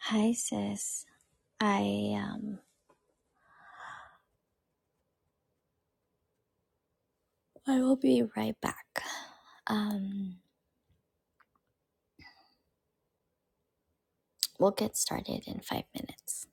Hi, sis. I um I will be right back. Um we'll get started in 5 minutes.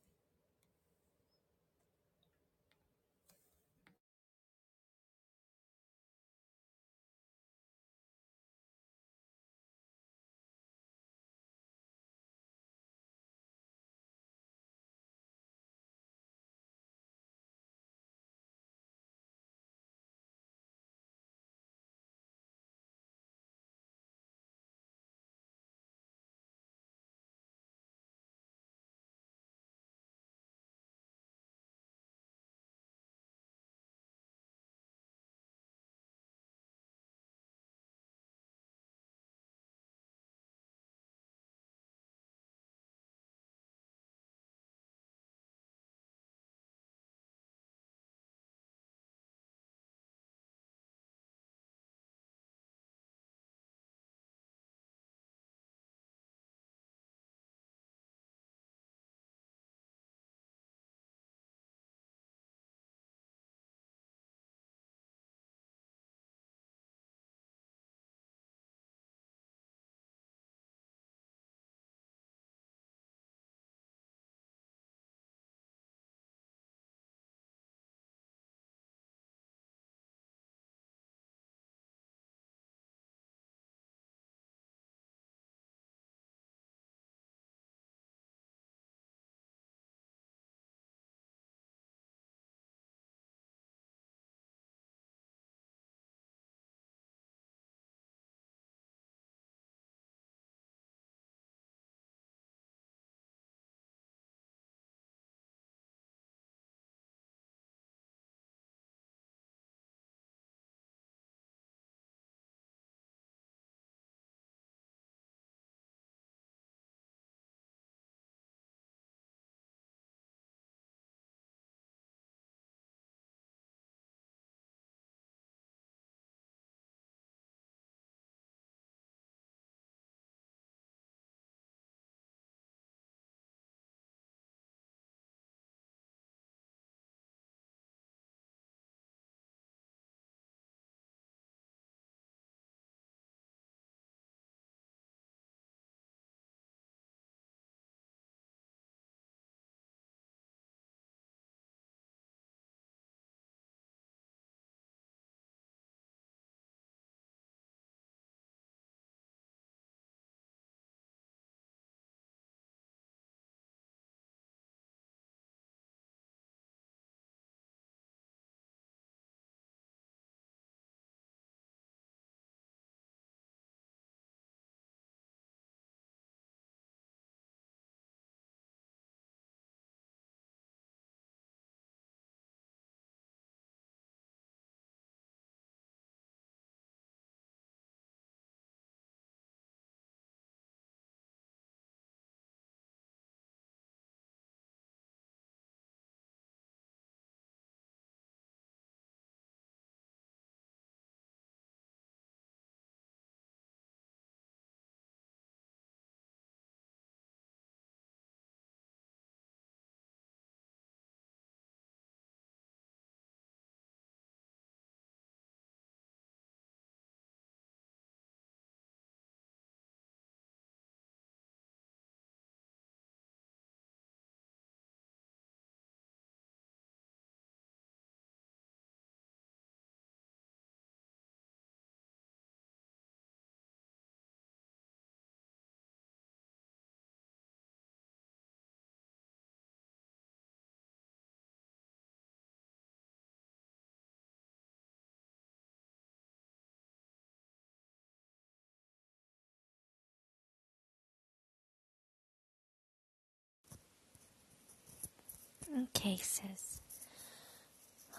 Okay, sis.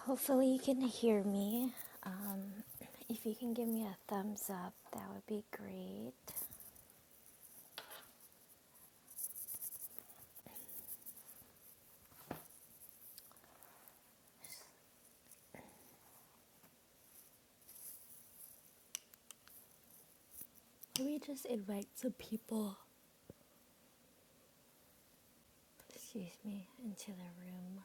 Hopefully you can hear me. Um if you can give me a thumbs up, that would be great. Let me just invite some people, excuse me, into the room.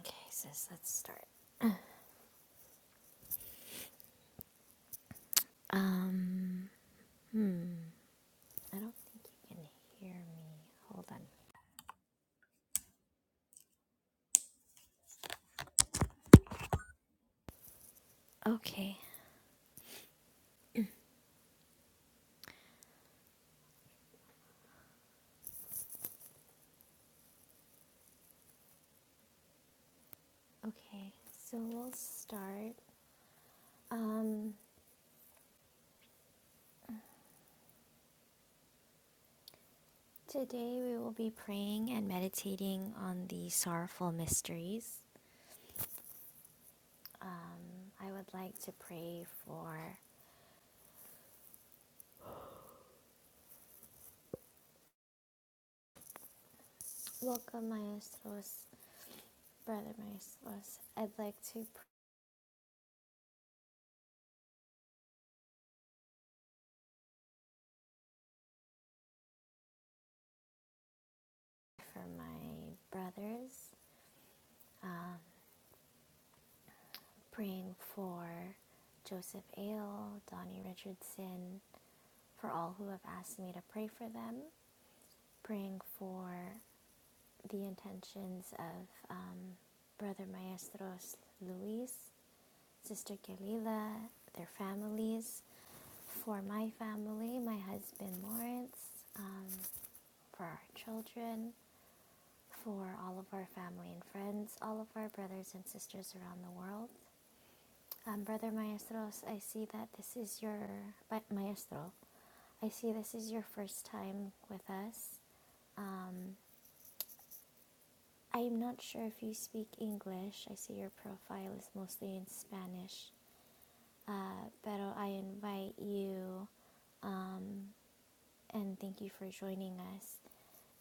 Okay, sis, let's start. Um hmm, I don't think you can hear me. Hold on. Okay. Okay. So we'll start. Um, today we will be praying and meditating on the sorrowful mysteries. Um, I would like to pray for Welcome Maestros, Brother Maestros. I'd like to pray for my brothers, um, praying for Joseph Ale, Donnie Richardson, for all who have asked me to pray for them, praying for the intentions of um, Brother Maestros Luis Sister Galila, their families, for my family, my husband Lawrence, um, for our children, for all of our family and friends, all of our brothers and sisters around the world. Um, Brother Maestros, I see that this is your, but Maestro, I see this is your first time with us. Um, I'm not sure if you speak English. I see your profile is mostly in Spanish. Uh, pero I invite you um, and thank you for joining us.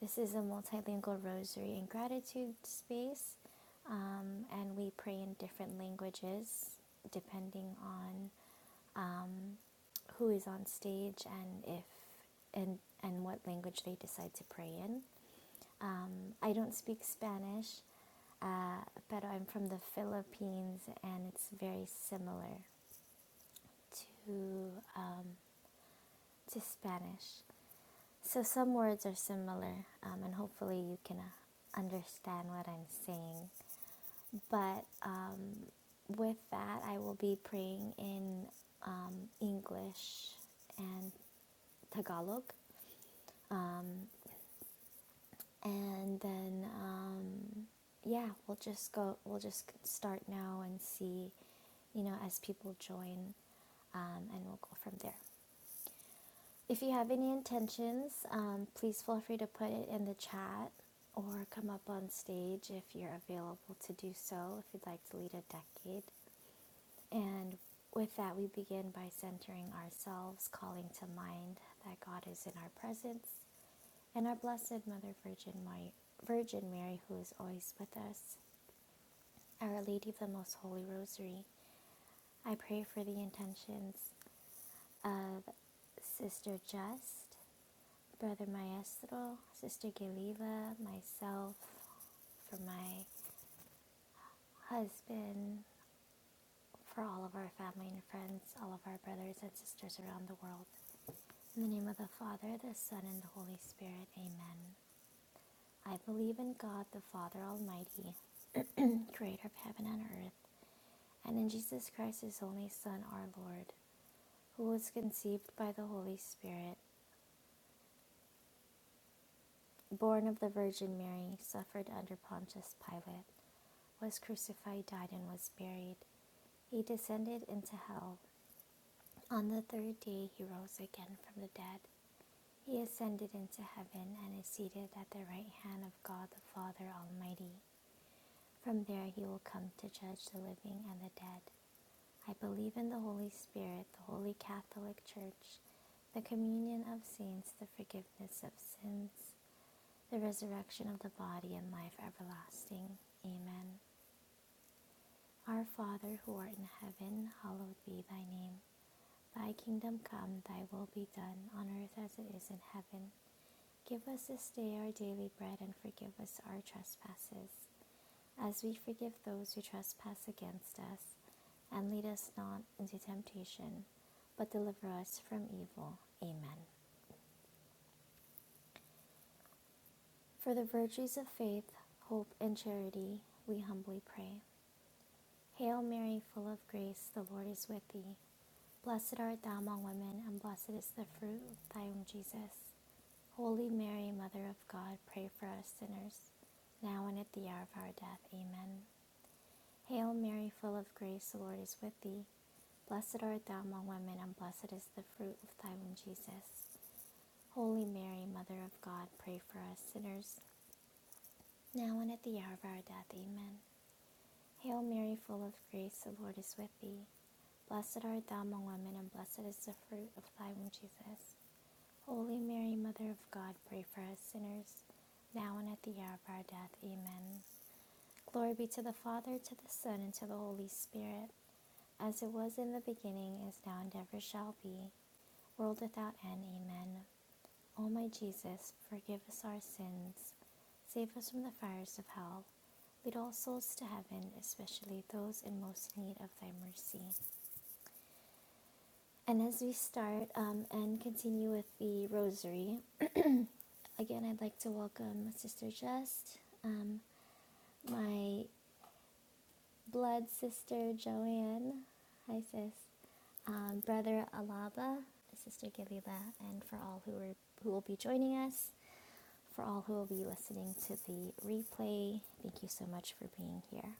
This is a multilingual rosary and gratitude space, um, and we pray in different languages depending on um, who is on stage and if and and what language they decide to pray in. Um, I don't speak Spanish, uh, but I'm from the Philippines, and it's very similar to uh, to Spanish. So some words are similar, um, and hopefully you can uh, understand what I'm saying. But um, with that, I will be praying in um, English and Tagalog, um, and then um, yeah, we'll just go. We'll just start now and see, you know, as people join, um, and we'll go from there. If you have any intentions, um, please feel free to put it in the chat or come up on stage if you're available to do so, if you'd like to lead a decade. And with that, we begin by centering ourselves, calling to mind that God is in our presence and our Blessed Mother Virgin, Mary, Virgin Mary, who is always with us, Our Lady of the Most Holy Rosary. I pray for the intentions of Sister Just Brother Maestro, Sister Galila, myself, for my husband, for all of our family and friends, all of our brothers and sisters around the world. In the name of the Father, the Son, and the Holy Spirit, amen. I believe in God, the Father Almighty, creator of heaven and earth, and in Jesus Christ, his only Son, our Lord, who was conceived by the Holy Spirit, born of the Virgin Mary, suffered under Pontius Pilate, was crucified, died, and was buried. He descended into hell. On the third day he rose again from the dead. He ascended into heaven and is seated at the right hand of God the Father Almighty. From there he will come to judge the living and the dead. I believe in the Holy Spirit, the Holy Catholic Church, the communion of saints, the forgiveness of sins, the resurrection of the body, and life everlasting. Amen. Our Father who art in heaven, hallowed be thy name. Thy kingdom come, thy will be done, on earth as it is in heaven. Give us this day our daily bread, and forgive us our trespasses, as we forgive those who trespass against us. And lead us not into temptation, but deliver us from evil. Amen. For the virtues of faith, hope, and charity, we humbly pray. Hail Mary, full of grace, the Lord is with thee. Blessed art thou among women, and blessed is the fruit of thy womb, Jesus. Holy Mary, Mother of God, pray for us sinners, now and at the hour of our death. Amen. Hail Mary, full of grace, the Lord is with thee. Blessed art thou among women, and blessed is the fruit of thy womb, Jesus. Holy Mary, Mother of God, pray for us sinners, now and at the hour of our death. Amen. Hail Mary, full of grace, the Lord is with thee. Blessed art thou among women, and blessed is the fruit of thy womb, Jesus. Holy Mary, Mother of God, pray for us sinners, now and at the hour of our death. Amen. Glory be to the Father, to the Son, and to the Holy Spirit, as it was in the beginning, is now, and ever shall be, world without end. Amen. O my Jesus, forgive us our sins, save us from the fires of hell. Lead all souls to heaven, especially those in most need of thy mercy. And as we start um, and continue with the rosary, Again, I'd like to welcome Sister Just, um, my blood sister Joanne, hi sis, um, brother Alaba, Sister Gilila, and for all who are who will be joining us, for all who will be listening to the replay, thank you so much for being here.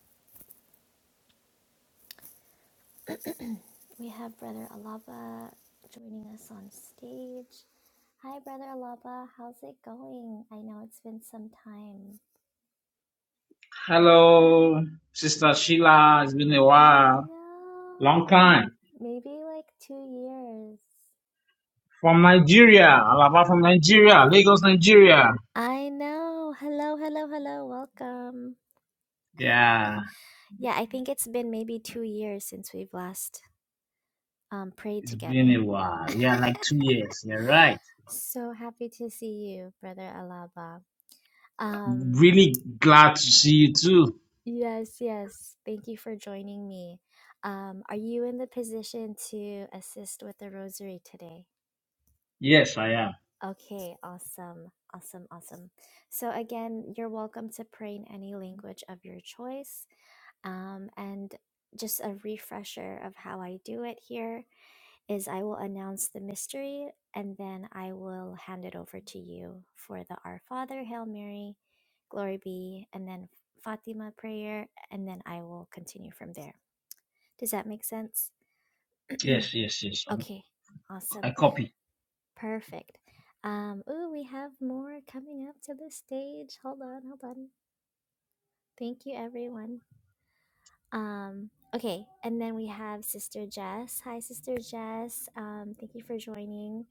We have Brother Alaba joining us on stage. Hi, Brother Alaba, how's it going? I know it's been some time. Hello, Sister Sheila. It's been a I while. Long know. time. Maybe like two years. From Nigeria. Alaba from Nigeria. Lagos, Nigeria. I know. Hello, hello, hello. Welcome. Yeah, Yeah, I think it's been maybe two years since we've last um, prayed it's been together. a while. Yeah, like two years. You're right. So happy to see you, Brother Alaba. Um, Really glad to see you too. yes, yes. Thank you for joining me. Um, are you in the position to assist with the rosary today? Yes, I am. Okay, awesome. Awesome, awesome. So, again, you're welcome to pray in any language of your choice. Um, and just a refresher of how I do it here is I will announce the mystery and then I will hand it over to you for the Our Father, Hail Mary, Glory be, and then Fatima prayer, and then I will continue from there. Does that make sense? Yes, yes, yes. I'm- okay, awesome. I copy. Perfect. Um, ooh, we have more coming up to the stage. Hold on, hold on. Thank you, everyone. Um, okay, and then we have Sister Jess. Hi, Sister Jess. Um, thank you for joining.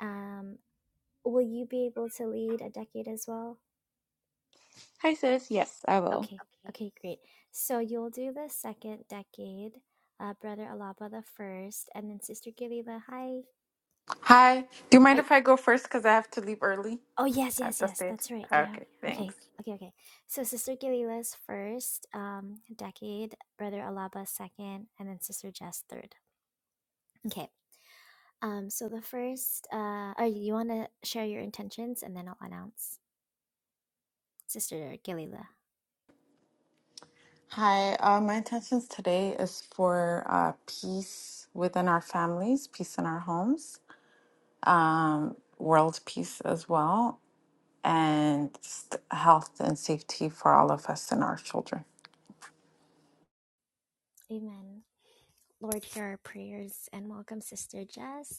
Um, will you be able to lead a decade as well? Hi, sis. Yes, I will. Okay, Okay. okay, great. So you'll do the second decade, uh, Brother Alaba the first, and then Sister Gilila. Hi. Hi. Do you mind Are, if I go first? Because I have to leave early Oh yes, at yes, the yes. stage. That's right. You have Okay, thanks. okay, okay, okay. So Sister Gilila's first um, decade, Brother Alaba second, and then Sister Jess third. Okay. Um. So the first. Uh. Are you want to share your intentions, and then I'll announce Sister Gilila. Hi. Uh, my intentions today is for uh, peace within our families, peace in our homes, um, world peace as well, and st- health and safety for all of us and our children. Amen. Lord, hear our prayers, and welcome Sister Jess.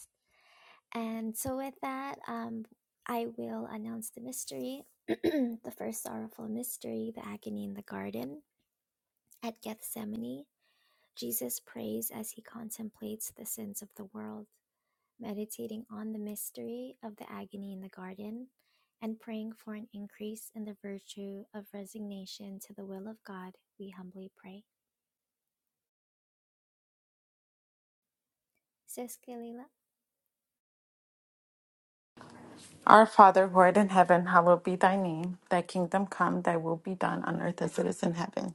And so, with that, um, I will announce the mystery, the first sorrowful mystery, the agony in the garden. At Gethsemane, Jesus prays as he contemplates the sins of the world, meditating on the mystery of the agony in the garden and praying for an increase in the virtue of resignation to the will of God. We humbly pray. Sis Kalila? Our Father who art in heaven, hallowed be thy name. Thy kingdom come, thy will be done on earth as it is in heaven.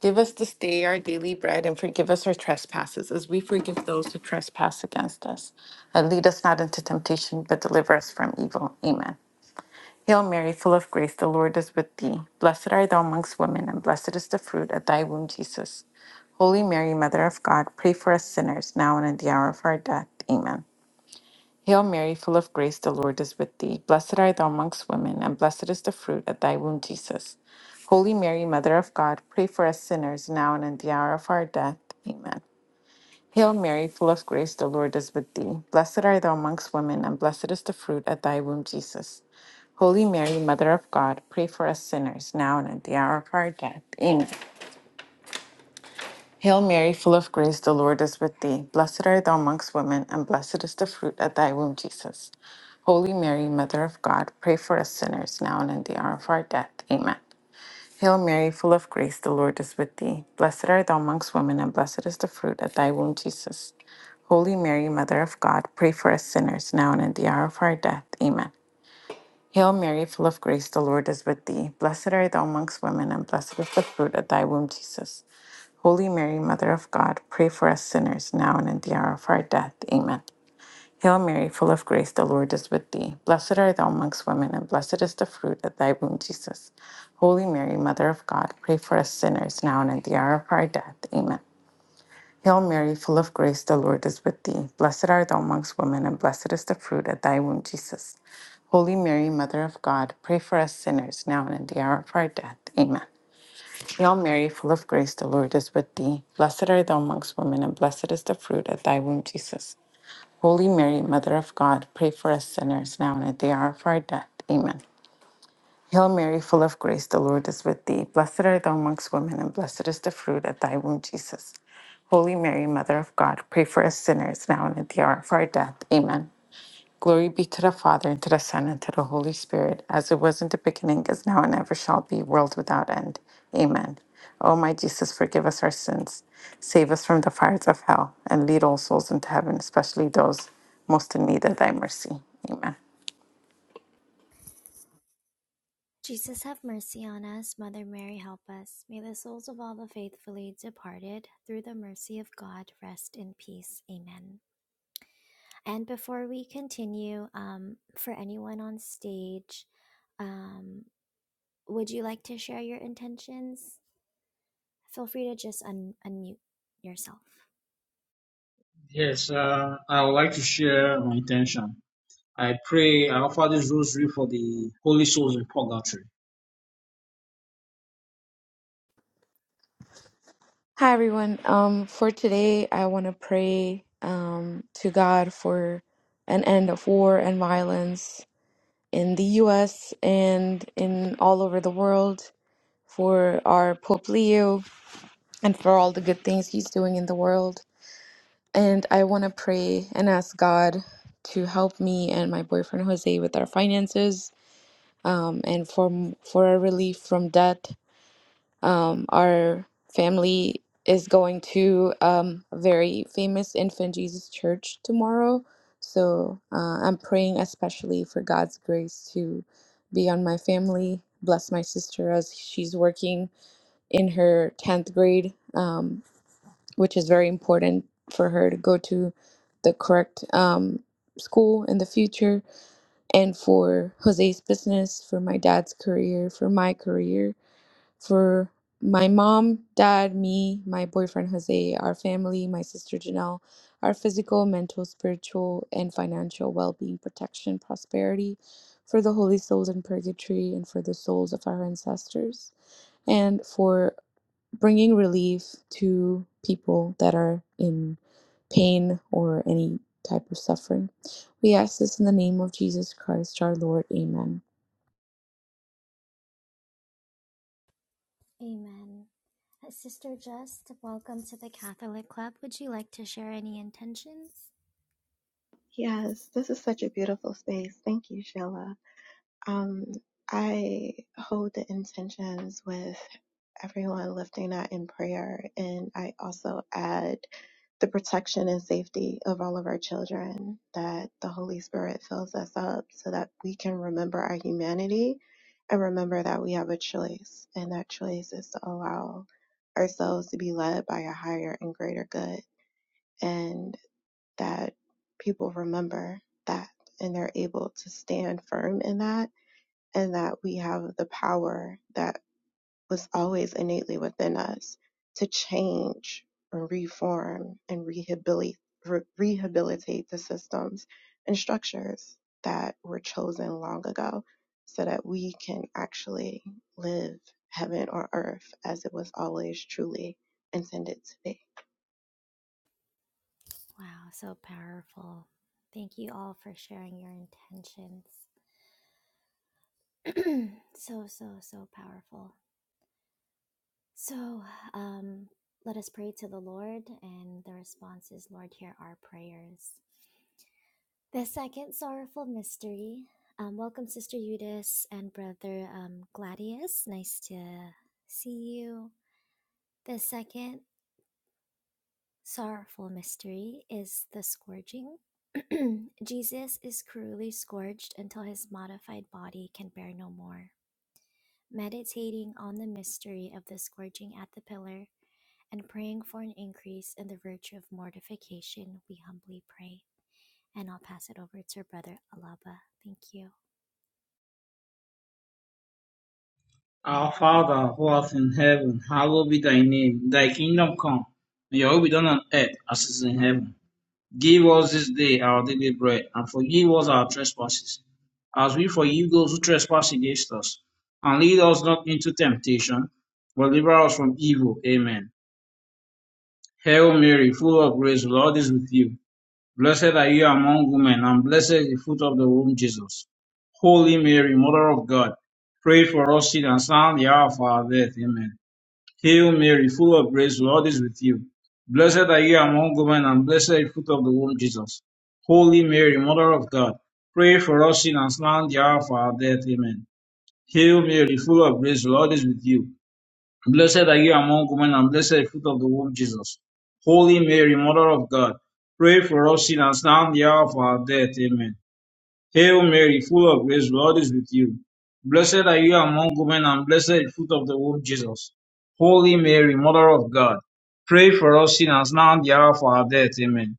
Give us this day our daily bread and forgive us our trespasses as we forgive those who trespass against us. And lead us not into temptation, but deliver us from evil. Amen. Hail Mary, full of grace, the Lord is with thee. Blessed art thou amongst women, and blessed is the fruit of thy womb, Jesus. Holy Mary, Mother of God, pray for us sinners, now and at the hour of our death. Amen. Hail Mary, full of grace, the Lord is with thee. Blessed art thou amongst women, and blessed is the fruit of thy womb, Jesus. Holy Mary, Mother of God, pray for us sinners now and in the hour of our death. Amen. Hail Mary, full of grace, the Lord is with thee. Blessed art thou amongst women, and blessed is the fruit of thy womb, Jesus. Holy Mary, Mother of God, pray for us sinners now and at the hour of our death. Amen. Hail Mary, full of grace, the Lord is with thee. Blessed art thou amongst women, and blessed is the fruit of thy womb, Jesus. Holy Mary, Mother of God, pray for us sinners now and in the hour of our death. Amen. Hail Mary, full of grace, the Lord is with thee. Blessed art thou amongst women, and blessed is the fruit of thy womb, Jesus. Holy Mary, Mother of God, pray for us sinners now and in the hour of our death. Amen. Hail Mary, full of grace, the Lord is with thee. Blessed art thou amongst women, and blessed is the fruit of thy womb, Jesus. Holy Mary, Mother of God, pray for us sinners now and at the hour of our death. Amen. Hail Mary, full of grace, the Lord is with thee. Blessed art thou amongst women, and blessed is the fruit of thy womb, Jesus. Holy Mary, Mother of God, pray for us sinners now and at the hour of our death. Amen. Hail Mary, full of grace, the Lord is with thee. Blessed art thou amongst women, and blessed is the fruit of thy womb, Jesus. Holy Mary, Mother of God, pray for us sinners now and at the hour of our death. Amen. Hail Mary, full of grace, the Lord is with thee. Blessed art thou amongst women, and blessed is the fruit of thy womb, Jesus. Holy Mary, Mother of God, pray for us sinners now and at the hour of our death. Amen. Hail Mary, full of grace, the Lord is with thee. Blessed art thou amongst women, and blessed is the fruit of thy womb, Jesus. Holy Mary, Mother of God, pray for us sinners now and at the hour of our death. Amen. Glory be to the Father, and to the Son, and to the Holy Spirit, as it was in the beginning, is now, and ever shall be, world without end. Amen. O my Jesus, forgive us our sins, save us from the fires of hell, and lead all souls into heaven, especially those most in need of thy mercy. Amen. Jesus have mercy on us, Mother Mary help us. May the souls of all the faithfully departed, through the mercy of God, rest in peace. Amen. And before we continue, um, for anyone on stage, um, would you like to share your intentions? Feel free to just un- unmute yourself. Yes, uh, I would like to share my intention. I pray I offer this rosary for the holy souls in purgatory. Hi, everyone. Um, for today, I want to pray um, to God for an end of war and violence in the U.S. and in all over the world, for our Pope Leo, and for all the good things he's doing in the world. And I want to pray and ask God to help me and my boyfriend Jose with our finances, um, and for for a relief from debt Um, our family is going to um, a very famous Infant Jesus Church tomorrow. So uh, I'm praying especially for God's grace to be on my family. Bless my sister as she's working in her 10th grade, um, which is very important for her to go to the correct um, school in the future, and for Jose's business, for my dad's career, for my career for my mom, dad, me, my boyfriend Jose, our family, my sister Janelle, our physical, mental, spiritual, and financial well being, protection, prosperity, for the holy souls in purgatory, and for the souls of our ancestors, and for bringing relief to people that are in pain or any type of suffering. We ask this in the name of Jesus Christ, our Lord. Amen. Amen. Uh, Sister Just, welcome to the Catholic Club. Would you like to share any intentions? Yes, this is such a beautiful space. Thank you, Sheila. Um, I hold the intentions with everyone lifting that in prayer, and I also add the protection and safety of all of our children, that the Holy Spirit fills us up so that we can remember our humanity and remember that we have a choice, and that choice is to allow ourselves to be led by a higher and greater good that people remember that and they're able to stand firm in that and that we have the power that was always innately within us to change and reform and rehabilitate re- rehabilitate the systems and structures that were chosen long ago so that we can actually live heaven on earth as it was always truly intended to be. Wow, so powerful. Thank you all for sharing your intentions. so, so, so powerful. So, um, let us pray to the Lord, and the response is, Lord, hear our prayers. The second sorrowful mystery. Um, welcome, Sister Eudice and Brother um, Gladius. Nice to see you. The second Sorrowful mystery is the scourging. Jesus is cruelly scourged until his modified body can bear no more. Meditating on the mystery of the scourging at the pillar and praying for an increase in the virtue of mortification, we humbly pray. And I'll pass it over to Brother Alaba. Thank you. Our Father who art in heaven, hallowed be thy name. Thy kingdom come, and your will be done on earth as it is in heaven. Give us this day our daily bread, and forgive us our trespasses, as we forgive those who trespass against us. And lead us not into temptation, but deliver us from evil. Amen. Hail Mary, full of grace, the Lord is with you. Blessed are you among women, and blessed is the fruit of the womb, Jesus. Holy Mary, Mother of God, pray for us sinners now and the hour of our death. Amen. Hail Mary, full of grace, the Lord is with you. Blessed are you among women, and blessed is the fruit of the womb, Jesus. Holy Mary, Mother of God, pray for us sinners now and the hour of our death. Amen. Hail Mary, full of grace, the Lord is with you. Blessed are you among women, and blessed is the fruit of the womb, Jesus. Holy Mary, Mother of God, pray for us sinners now and the hour of our death. Amen. Hail Mary, full of grace, the Lord is with you. Blessed are you among women, and blessed is the fruit of the womb, Jesus. Holy Mary, Mother of God, pray for us sinners now and the hour of our death. Amen.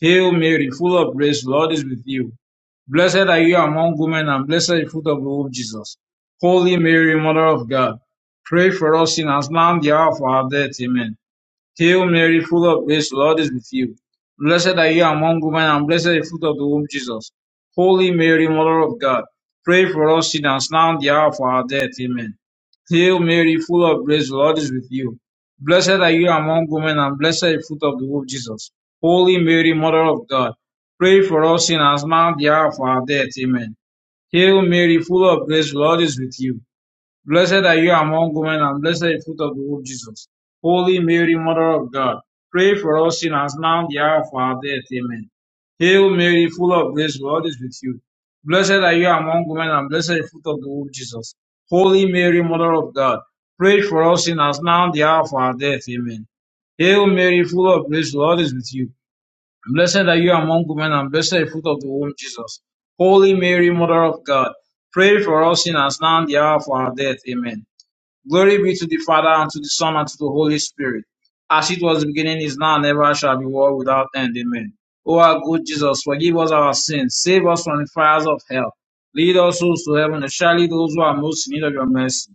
Hail Mary, full of grace, the Lord is with you. Blessed are you among women, and blessed is the fruit of the womb, Jesus. Holy Mary, Mother of God, pray for us sinners now and the hour of our death. Amen. Hail Mary, full of grace, the Lord is with you. Blessed are you among women, and blessed is the fruit of the womb, Jesus. Holy Mary, Mother of God, pray for us sinners now and the hour of our death. Amen. Hail Mary, full of grace, the Lord is with you. Blessed are you among women, and blessed is the fruit of the womb, Jesus. Holy Mary, Mother of God, pray for us sinners now and the hour of our death. Amen. Hail Mary, full of grace, the Lord is with you. Blessed are you among women, and blessed is the fruit of the womb, Jesus. Holy Mary, Mother of God, pray for us sinners now and the hour of our death. Amen. Hail Mary, full of grace, the Lord is with you. Blessed are you among women, and blessed is the fruit of the womb, Jesus. Holy Mary, Mother of God, pray for us sinners now and the hour of our death. Amen. Hail Mary, full of grace, the Lord is with you. Blessed are you among women, and blessed the fruit of the womb, Jesus. Holy Mary, Mother of God, pray for us sinners now and the hour of our death. Amen. Glory be to the Father, and to the Son, and to the Holy Spirit, as it was in the beginning, is now, and ever shall be, world without end. Amen. O our good Jesus, forgive us our sins, save us from the fires of hell, lead us souls to heaven, and surely those who are most in need of your mercy.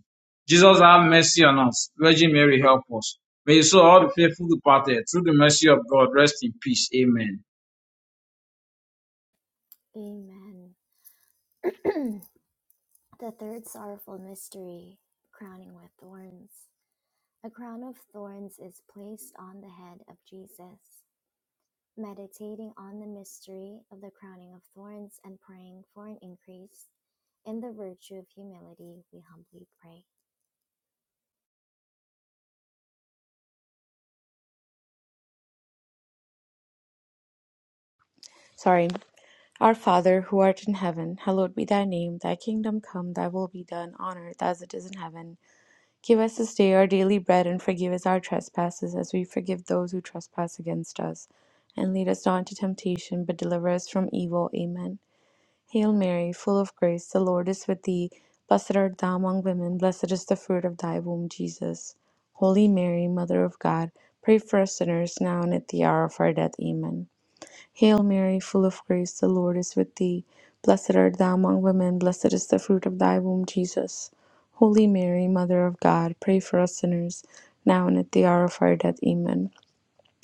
Jesus, have mercy on us. Virgin Mary, help us. May you so all the faithful departed, through the mercy of God, rest in peace. Amen. Amen. The third sorrowful mystery, crowning with thorns. A crown of thorns is placed on the head of Jesus. meditating on the mystery of the crowning of thorns and praying for an increase in the virtue of humility, we humbly pray. Sorry, Our Father, who art in heaven, hallowed be thy name. Thy kingdom come, thy will be done on earth as it is in heaven. Give us this day our daily bread and forgive us our trespasses as we forgive those who trespass against us. And lead us not into temptation, but deliver us from evil. Amen. Hail Mary, full of grace, the Lord is with thee. Blessed art thou among women, blessed is the fruit of thy womb, Jesus. Holy Mary, Mother of God, pray for us sinners now and at the hour of our death. Amen. Hail Mary, full of grace, the Lord is with thee. Blessed art thou among women, blessed is the fruit of thy womb, Jesus. Holy Mary, Mother of God, pray for us sinners, now and at the hour of our death. Amen.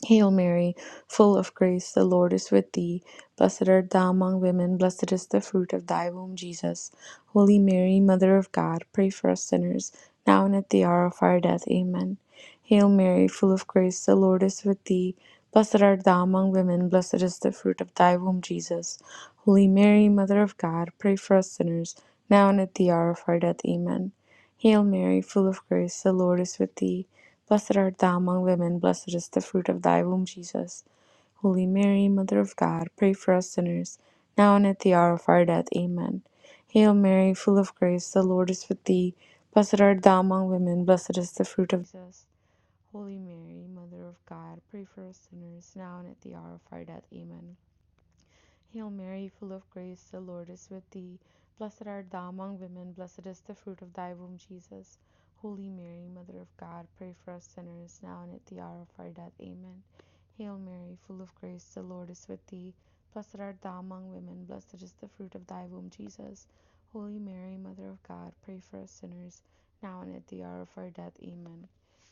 Hail Mary, full of grace, the Lord is with thee. Blessed art thou among women, blessed is the fruit of thy womb, Jesus. Holy Mary, Mother of God, pray for us sinners, now and at the hour of our death. Amen. Hail Mary, full of grace, the Lord is with thee. Blessed art thou among women, blessed is the fruit of thy womb, Jesus. Holy Mary, Mother of God, pray for us sinners, now and at the hour of our death. Amen. Hail Mary, full of grace, the Lord is with thee. Blessed art thou among women, blessed is the fruit of thy womb, Jesus. Holy Mary, Mother of God, pray for us sinners, now and at the hour of our death. Amen. Hail Mary, full of grace, the Lord is with thee. Blessed art thou among women, blessed is the fruit of Jesus. Holy Mary, Mother of God, pray for us sinners, now and at the hour of our death. Amen. Hail Mary, full of grace, the Lord is with thee. Blessed art thou among women, blessed is the fruit of thy womb, Jesus. Holy Mary, Mother of God, pray for us sinners, now and at the hour of our death. Amen. Hail Mary, full of grace, the Lord is with thee. Blessed art thou among women, blessed is the fruit of thy womb, Jesus. Holy Mary, Mother of God, pray for us sinners, now and at the hour of our death. Amen.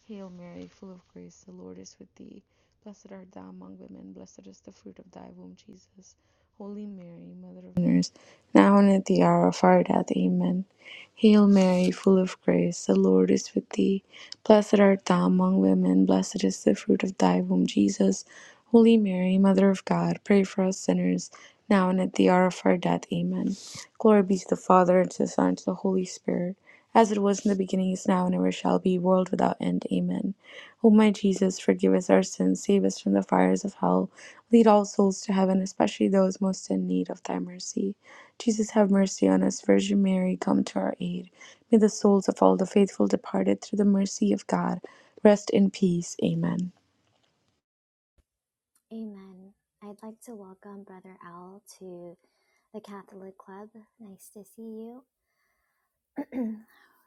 Hail Mary, full of grace, the Lord is with thee. Blessed art thou among women, blessed is the fruit of thy womb, Jesus. Holy Mary, Mother of sinners, now and at the hour of our death. Amen. Hail Mary, full of grace, the Lord is with thee. Blessed art thou among women, blessed is the fruit of thy womb, Jesus. Holy Mary, Mother of God, pray for us sinners, now and at the hour of our death. Amen. Glory be to the Father, and to the Son, and to the Holy Spirit, as it was in the beginning, is now, and ever shall be, world without end. Amen. O my Jesus, forgive us our sins, save us from the fires of hell, lead all souls to heaven, especially those most in need of thy mercy. Jesus, have mercy on us. Virgin Mary, come to our aid. May the souls of all the faithful departed, through the mercy of God, rest in peace. Amen. Amen. I'd like to welcome Brother Al to the Catholic Club. Nice to see you.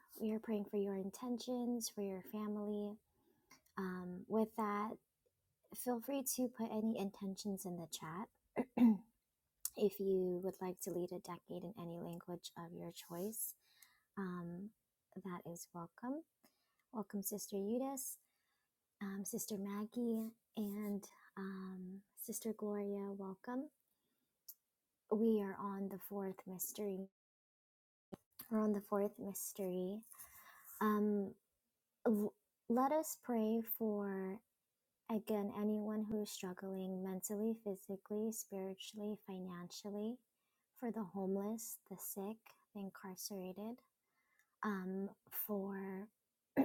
we are praying for your intentions, for your family. Um, with that, feel free to put any intentions in the chat. If you would like to lead a decade in any language of your choice, um, that is welcome. Welcome, Sister Eudice, um, Sister Maggie, and um, Sister Gloria. Welcome. We are on the fourth mystery. We're on the fourth mystery. Um, l- let us pray for, again, anyone who is struggling mentally, physically, spiritually, financially, for the homeless, the sick, the incarcerated um, for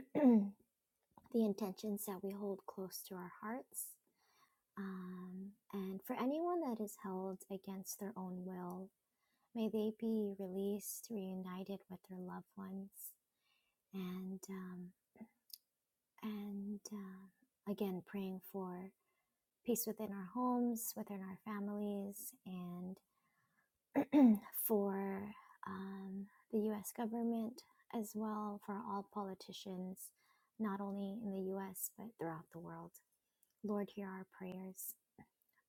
the intentions that we hold close to our hearts. Um, and for anyone that is held against their own will, may they be released, reunited with their loved ones, and um, and uh, again praying for peace within our homes, within our families, and for um, the US government as well for all politicians, not only in the US but throughout the world. Lord, hear our prayers.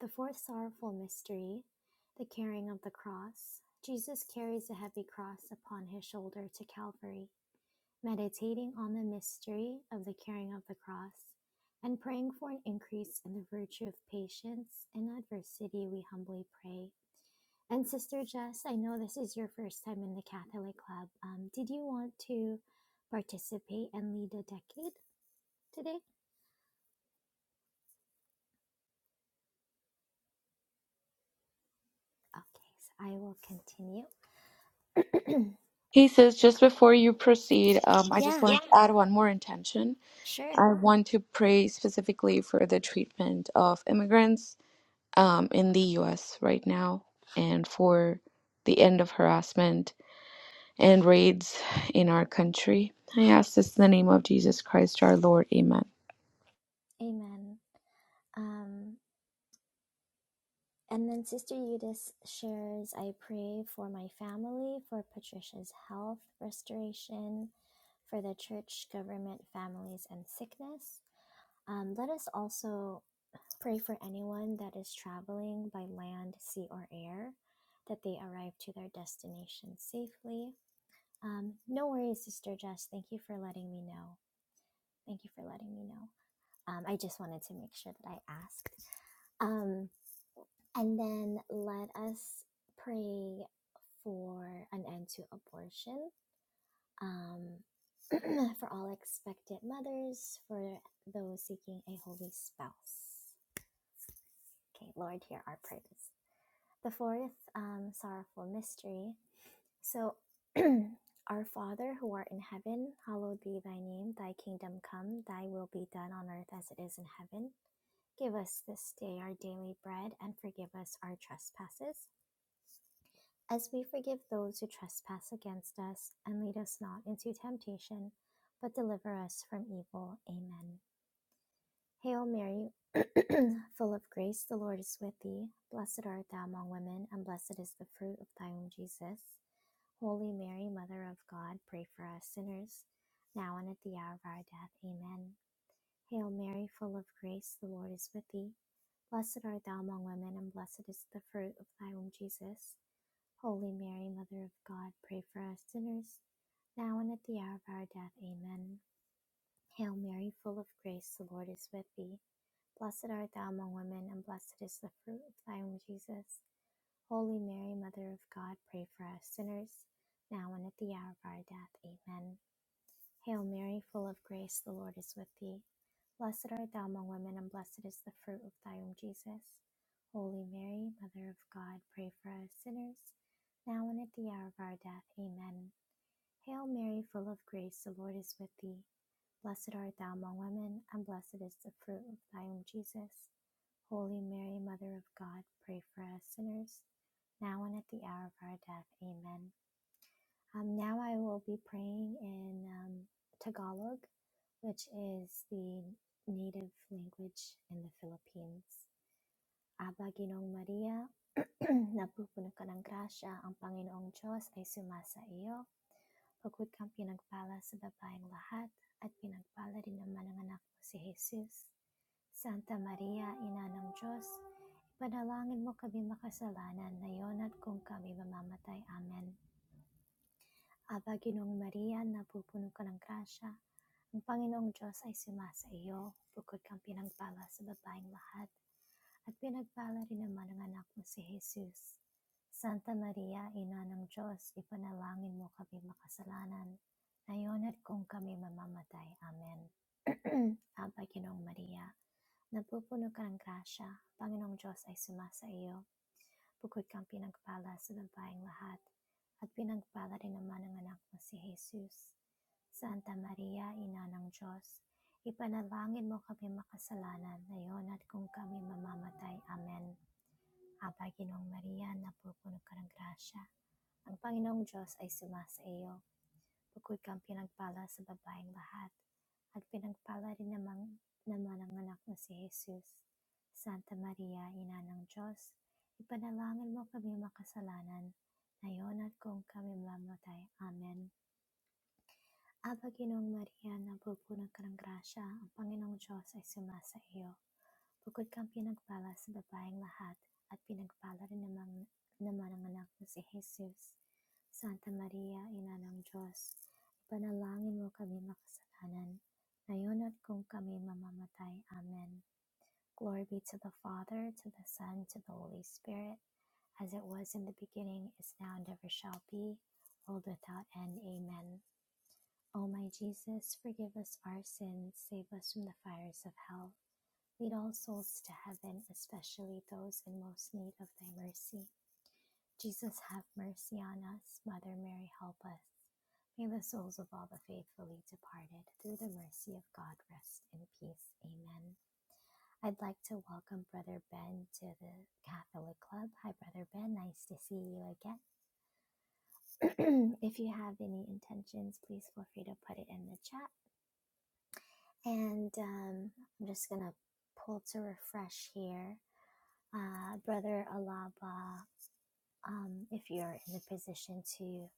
The fourth sorrowful mystery, the carrying of the cross. Jesus carries a heavy cross upon his shoulder to Calvary. Meditating on the mystery of the carrying of the cross and praying for an increase in the virtue of patience in adversity, we humbly pray. And Sister Jess, I know this is your first time in the Catholic Club. Um, did you want to participate and lead a decade today? Okay, so I will continue. Hey, sis, just before you proceed, um, I just yeah, wanted to add one more intention. sure. I want to pray specifically for the treatment of immigrants um, in the U.S. right now and for the end of harassment and raids in our country. I ask this in the name of Jesus Christ our Lord. Amen. Amen. Um, and then Sister Eudice shares, I pray for my family, for Patricia's health restoration, for the church, government, families, and sickness. Um, let us also Pray for anyone that is traveling by land, sea, or air that they arrive to their destination safely. Um, no worries, Sister Jess. Thank you for letting me know. Thank you for letting me know. Um, I just wanted to make sure that I asked. Um, and then let us pray for an end to abortion, um, for all expectant mothers, for those seeking a holy spouse. Okay, Lord, hear our prayers. The fourth um, sorrowful mystery. So, our Father who art in heaven, hallowed be thy name. Thy kingdom come, thy will be done on earth as it is in heaven. Give us this day our daily bread and forgive us our trespasses, as we forgive those who trespass against us. And lead us not into temptation, but deliver us from evil. Amen. Hail Mary, full of grace, the Lord is with thee. Blessed art thou among women, and blessed is the fruit of thy womb, Jesus. Holy Mary, Mother of God, pray for us sinners, now and at the hour of our death. Amen. Hail Mary, full of grace, the Lord is with thee. Blessed art thou among women, and blessed is the fruit of thy womb, Jesus. Holy Mary, Mother of God, pray for us sinners, now and at the hour of our death. Amen. Hail Mary, full of grace, the Lord is with thee. Blessed art thou among women, and blessed is the fruit of thy womb, Jesus. Holy Mary, Mother of God, pray for us sinners, now and at the hour of our death. Amen. Hail Mary, full of grace, the Lord is with thee. Blessed art thou among women, and blessed is the fruit of thy womb, Jesus. Holy Mary, Mother of God, pray for us sinners, now and at the hour of our death. Amen. Hail Mary, full of grace, the Lord is with thee. Blessed art thou among women, and blessed is the fruit of thy womb, Jesus. Holy Mary, Mother of God, pray for us sinners, now and at the hour of our death. Amen. Um, now I will be praying in um, Tagalog, which is the native language in the Philippines. Aba Ginong Maria, napupuno ka ng grasya, ang Panginoong Diyos ay sumasa iyo. Pagod kang pinagpala sa babaeng lahat, at pinagpala din naman ang anak mo si Jesus. Santa Maria, Ina ng Diyos, Panalangin mo kami makasalanan ngayon at kung kami mamamatay. Amen. Aba, Ginong Maria, napupuno ka ng grasya. Ang Panginoong Diyos ay sumasa iyo, bukod kang pinagpala sa babaeng lahat, at pinagpala rin naman ang anak mo si Jesus. Santa Maria, Ina ng Diyos, ipanalangin mo kami makasalanan, ngayon at kung kami mamamatay. Amen. Aba, Ginong Maria, napupuno ka ng grasya, Panginoong Diyos ay sumasa iyo, Bukod kang pinagpala sa babaeng lahat at pinagpala rin naman ang anak mo si Jesus. Santa Maria, Ina ng Diyos, ipanalangin mo kami makasalanan ngayon at kung kami mamamatay. Amen. Aba, Ginong Maria, napupuno ka ng grasya. Ang Panginoong Diyos ay suma sa iyo. Bukod kang pinagpala sa babaeng lahat, at pinagpala rin naman, naman ang anak na si Jesus. Santa Maria, Ina ng Diyos, ipanalangin mo kami makasalanan, ngayon at kung kami mamatay. Amen. Aba Panginoong Maria, napupuno ka ng grasya, ang Panginoong Diyos ay sumasa iyo. Bukod kang pinagpala sa babaeng lahat, at pinagpala rin naman, naman ang anak na si Jesus. Santa Maria, Ina ng Diyos, ipanalangin mo kami makasalanan, ngayon at kung kami mamamatay. Amen. Glory be to the Father, to the Son, to the Holy Spirit, as it was in the beginning, is now, and ever shall be, world without end. Amen. O my Jesus, forgive us our sins, save us from the fires of hell. Lead all souls to heaven, especially those in most need of thy mercy. Jesus, have mercy on us. Mother Mary, help us. May the souls of all the faithfully departed, through the mercy of God, rest in peace. Amen. I'd like to welcome Brother Ben to the Catholic Club. Hi, Brother Ben. Nice to see you again. if you have any intentions, please feel free to put it in the chat And um, I'm just going to pull to refresh here. Uh, Brother Alaba, um, if you're in a position to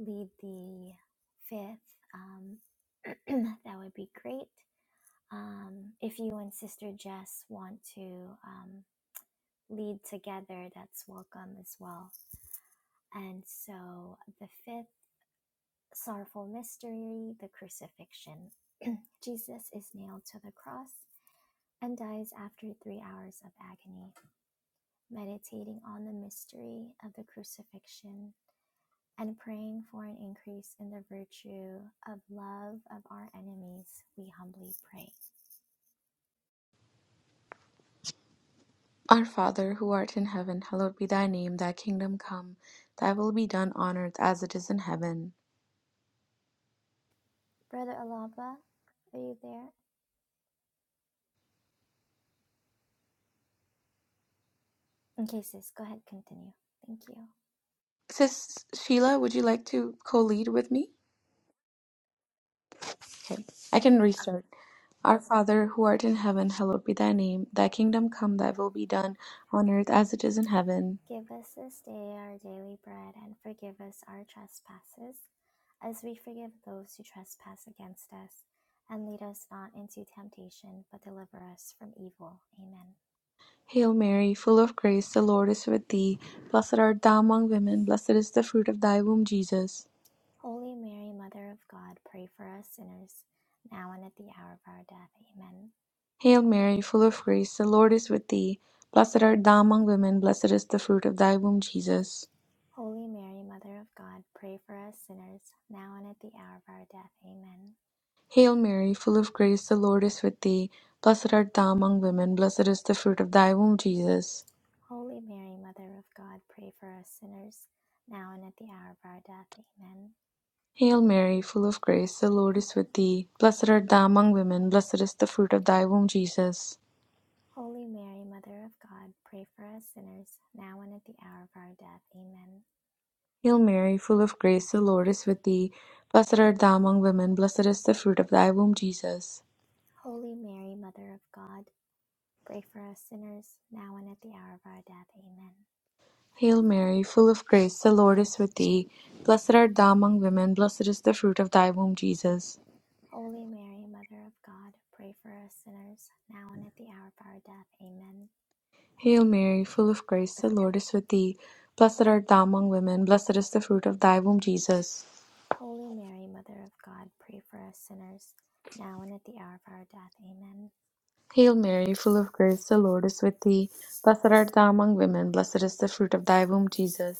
lead the fifth, um, that would be great. Um, if you and Sister Jess want to um, lead together, that's welcome as well. And so the fifth sorrowful mystery, the crucifixion. Jesus is nailed to the cross and dies after three hours of agony. meditating on the mystery of the crucifixion, and praying for an increase in the virtue of love of our enemies, we humbly pray. Our Father, who art in heaven, hallowed be thy name, thy kingdom come, thy will be done on earth as it is in heaven. Brother Alaba, are you there? Okay, sis, go ahead, continue. Thank you. Sis Sheila, would you like to co lead with me? Okay, I can restart. Our Father, who art in heaven, hallowed be thy name, thy kingdom come, thy will be done on earth as it is in heaven. Give us this day our daily bread and forgive us our trespasses, as we forgive those who trespass against us. And lead us not into temptation, but deliver us from evil. Amen. Hail Mary, full of grace, the Lord is with thee. Blessed art thou among women, blessed is the fruit of thy womb, Jesus. Holy Mary, Mother of God, pray for us sinners, now and at the hour of our death. Amen. Hail Mary, full of grace, the Lord is with thee. Blessed art thou among women, blessed is the fruit of thy womb, Jesus. Holy Mary, Mother of God, pray for us sinners, now and at the hour of our death. Amen. Hail Mary, full of grace, the Lord is with thee. Blessed art thou among women, blessed is the fruit of thy womb, Jesus. Holy Mary, Mother of God, pray for us sinners, now and at the hour of our death. Amen. Hail Mary, full of grace, the Lord is with thee. Blessed art thou among women, blessed is the fruit of thy womb, Jesus. Holy Mary, Mother of God, pray for us sinners, now and at the hour of our death. Amen. Hail Mary, full of grace, the Lord is with thee. Blessed art thou among women, blessed is the fruit of thy womb, Jesus. Holy Mary, Mother of God, pray for us sinners, now and at the hour of our death. Amen. Hail Mary, full of grace, the Lord is with thee. Blessed art thou among women, blessed is the fruit of thy womb, Jesus. Holy Mary, Mother of God, pray for us sinners, now and at the hour of our death. Amen. Hail Mary, full of grace, the Lord is with thee. Blessed art thou among women, blessed is the fruit of thy womb, Jesus. Holy Mary, Mother of God, pray for us sinners, now and at the hour of our death. Amen. Hail Mary, full of grace, the Lord is with thee. Blessed art thou among women, blessed is the fruit of thy womb, Jesus.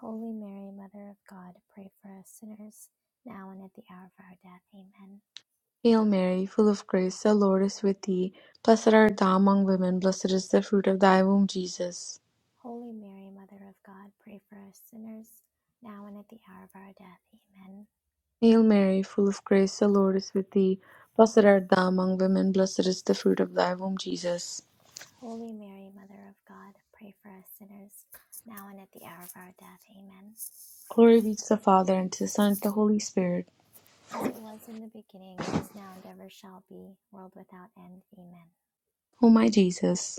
Holy Mary, Mother of God, pray for us sinners, now and at the hour of our death. Amen. Hail Mary, full of grace, the Lord is with thee. Blessed art thou among women, blessed is the fruit of thy womb, Jesus. Holy Mary, Mother of God, pray for us sinners, now and at the hour of our death. Amen. Hail Mary, full of grace, the Lord is with thee. Blessed art thou among women, blessed is the fruit of thy womb, Jesus. Holy Mary, Mother of God, pray for us sinners, now and at the hour of our death. Amen. Glory be to the Father, and to the Son, and to the Holy Spirit. as it was in the beginning, is now, and ever shall be, world without end. Amen. O my Jesus.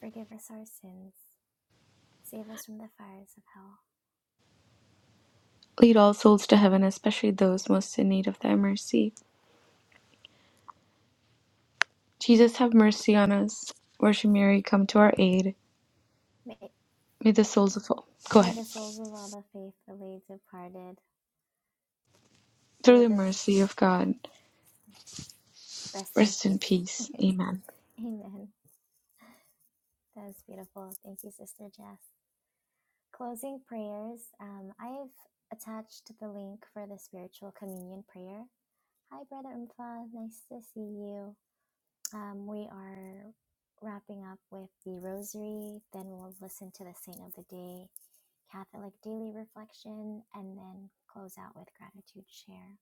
Forgive us our sins. Save us from the fires of hell. Lead all souls to heaven, especially those most in need of thy mercy. Jesus, have mercy on us. Worship Mary, come to our aid. May, May the souls of all. Go may ahead. the souls of all the faithfully departed Through through the the mercy of God, rest in rest in peace. peace. Rest in peace. Amen. Amen. That was beautiful. Thank you, Sister Jess. Closing prayers. Um, I've attached the link for the spiritual communion prayer. Hi, Brother Umfa. Nice to see you. Um, we are wrapping up with the Rosary, then we'll listen to the Saint of the Day, Catholic Daily Reflection, and then close out with Gratitude Share.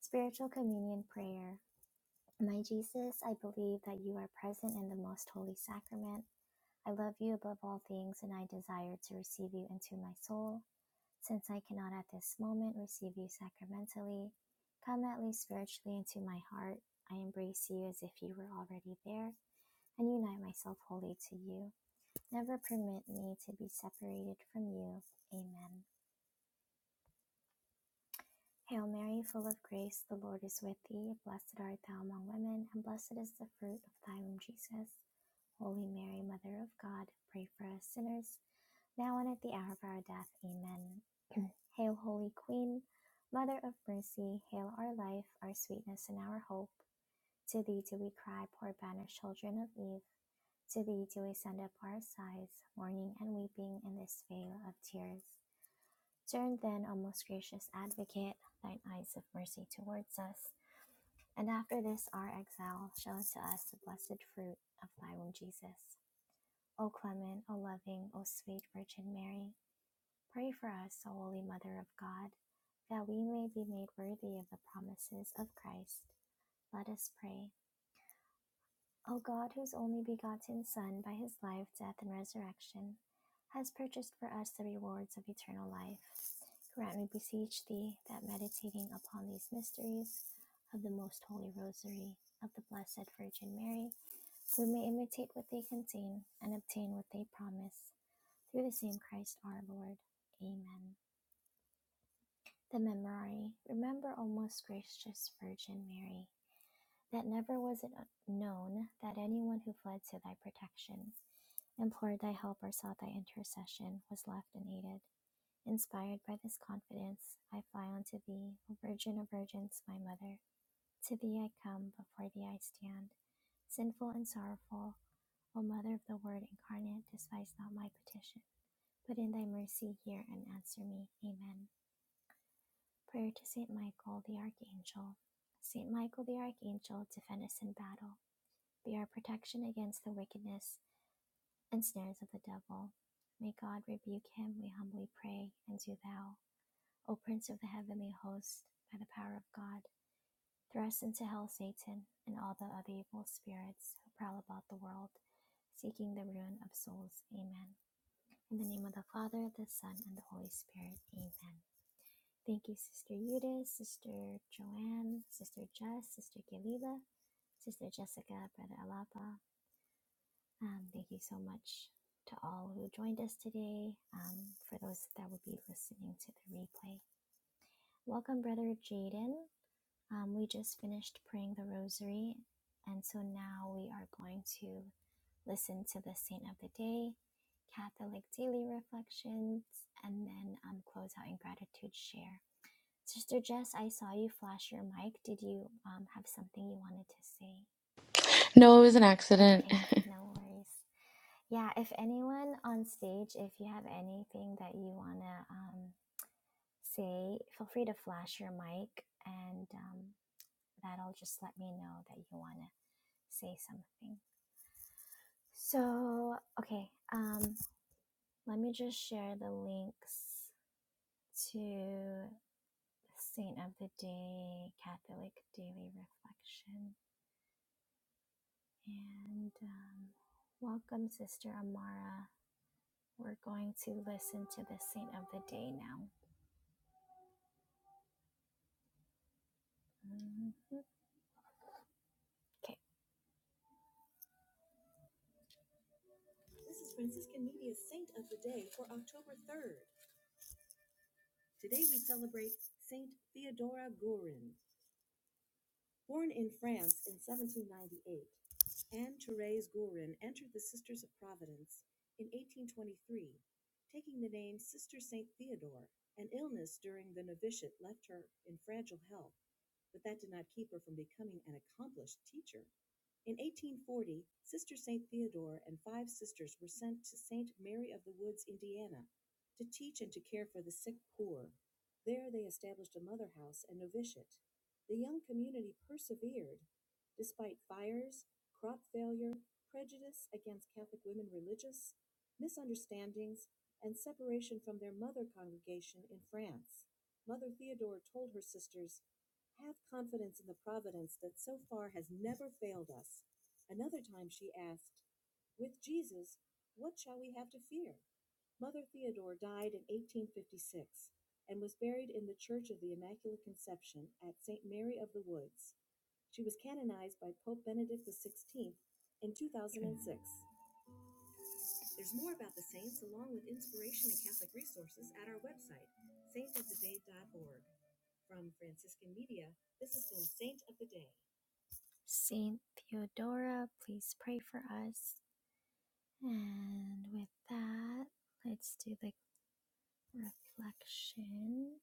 Spiritual Communion Prayer. My Jesus, I believe that you are present in the most holy sacrament. I love you above all things, and I desire to receive you into my soul. Since I cannot at this moment receive you sacramentally, come at least spiritually into my heart. I embrace you as if you were already there and unite myself wholly to you. Never permit me to be separated from you. Amen. Hail Mary, full of grace, the Lord is with thee. Blessed art thou among women, and blessed is the fruit of thy womb, Jesus. Holy Mary, Mother of God, pray for us sinners, now and at the hour of our death. Amen. Hail, Holy Queen, Mother of Mercy, hail our life, our sweetness, and our hope. To thee do we cry, poor banished children of Eve. To thee do we send up our sighs, mourning and weeping in this vale of tears. Turn then, O most gracious advocate, thine eyes of mercy towards us, and after this our exile, show unto us the blessed fruit of thy womb, Jesus. O clement, O loving, O sweet Virgin Mary, pray for us, O holy Mother of God, that we may be made worthy of the promises of Christ. Let us pray. O God, whose only begotten Son, by his life, death, and resurrection, has purchased for us the rewards of eternal life, grant, we beseech thee, that meditating upon these mysteries of the most holy rosary of the Blessed Virgin Mary, we may imitate what they contain and obtain what they promise. Through the same Christ our Lord. Amen. The Memorare. Remember, O most gracious Virgin Mary that never was it known that anyone who fled to thy protection, implored thy help, or sought thy intercession was left unaided. Inspired by this confidence, I fly unto thee, O Virgin of Virgins, my Mother. To thee I come, before thee I stand, sinful and sorrowful. O Mother of the Word incarnate, despise not my petition, but in thy mercy hear and answer me. Amen. Prayer to Saint Michael the Archangel. Saint Michael the Archangel, defend us in battle be our protection against the wickedness and snares of the devil. May God rebuke him, we humbly pray, and do thou, O Prince of the heavenly host, by the power of God, thrust into hell Satan and all the other evil spirits who prowl about the world, seeking the ruin of souls. Amen. In the name of the Father, the Son, and the Holy Spirit. Amen. Thank you, Sister Eudes, Sister Joanne, Sister Jess, Sister Galila, Sister Jessica, Brother Alapa. Um, thank you so much to all who joined us today. Um, for those that will be listening to the replay, welcome, Brother Jaden. Um, we just finished praying the rosary, and so now we are going to listen to the Saint of the Day, Catholic Daily Reflections, and then um, close out in gratitude share. Sister Jess, I saw you flash your mic. Did you um, have something you wanted to say? No, it was an accident. Okay, no worries. Yeah, if anyone on stage, if you have anything that you want to um, say, feel free to flash your mic and um, that'll just let me know that you want to say something. So, okay, um, let me just share the links to Saint of the Day Catholic Daily Reflection. And um, welcome, Sister Amara. We're going to listen to the Saint of the Day now. Mm-hmm. Okay. This is Franciscan Media's Saint of the Day for October 3rd. Today we celebrate Saint Theodora Gurin. Born in France in 1798, Anne Therese Gourin entered the Sisters of Providence in 1823, taking the name Sister St. Theodore. An illness during the novitiate left her in fragile health, but that did not keep her from becoming an accomplished teacher. In 1840, Sister St. Theodore and five sisters were sent to St. Mary of the Woods, Indiana, to teach and to care for the sick poor. There they established a mother house and novitiate. The young community persevered despite fires, crop failure, prejudice against Catholic women religious, misunderstandings, and separation from their mother congregation in France. Mother Theodore told her sisters, Have confidence in the providence that so far has never failed us. Another time she asked, With Jesus, what shall we have to fear? Mother Theodore died in 1856 and was buried in the Church of the Immaculate Conception at St. Mary of the Woods. She was canonized by Pope Benedict XVI in 2006. There's more about the saints along with inspiration and Catholic resources at our website, saintoftheday.org. From Franciscan Media, this has been Saint of the Day. Saint Theodora, please pray for us. And with that, let's do the reflection.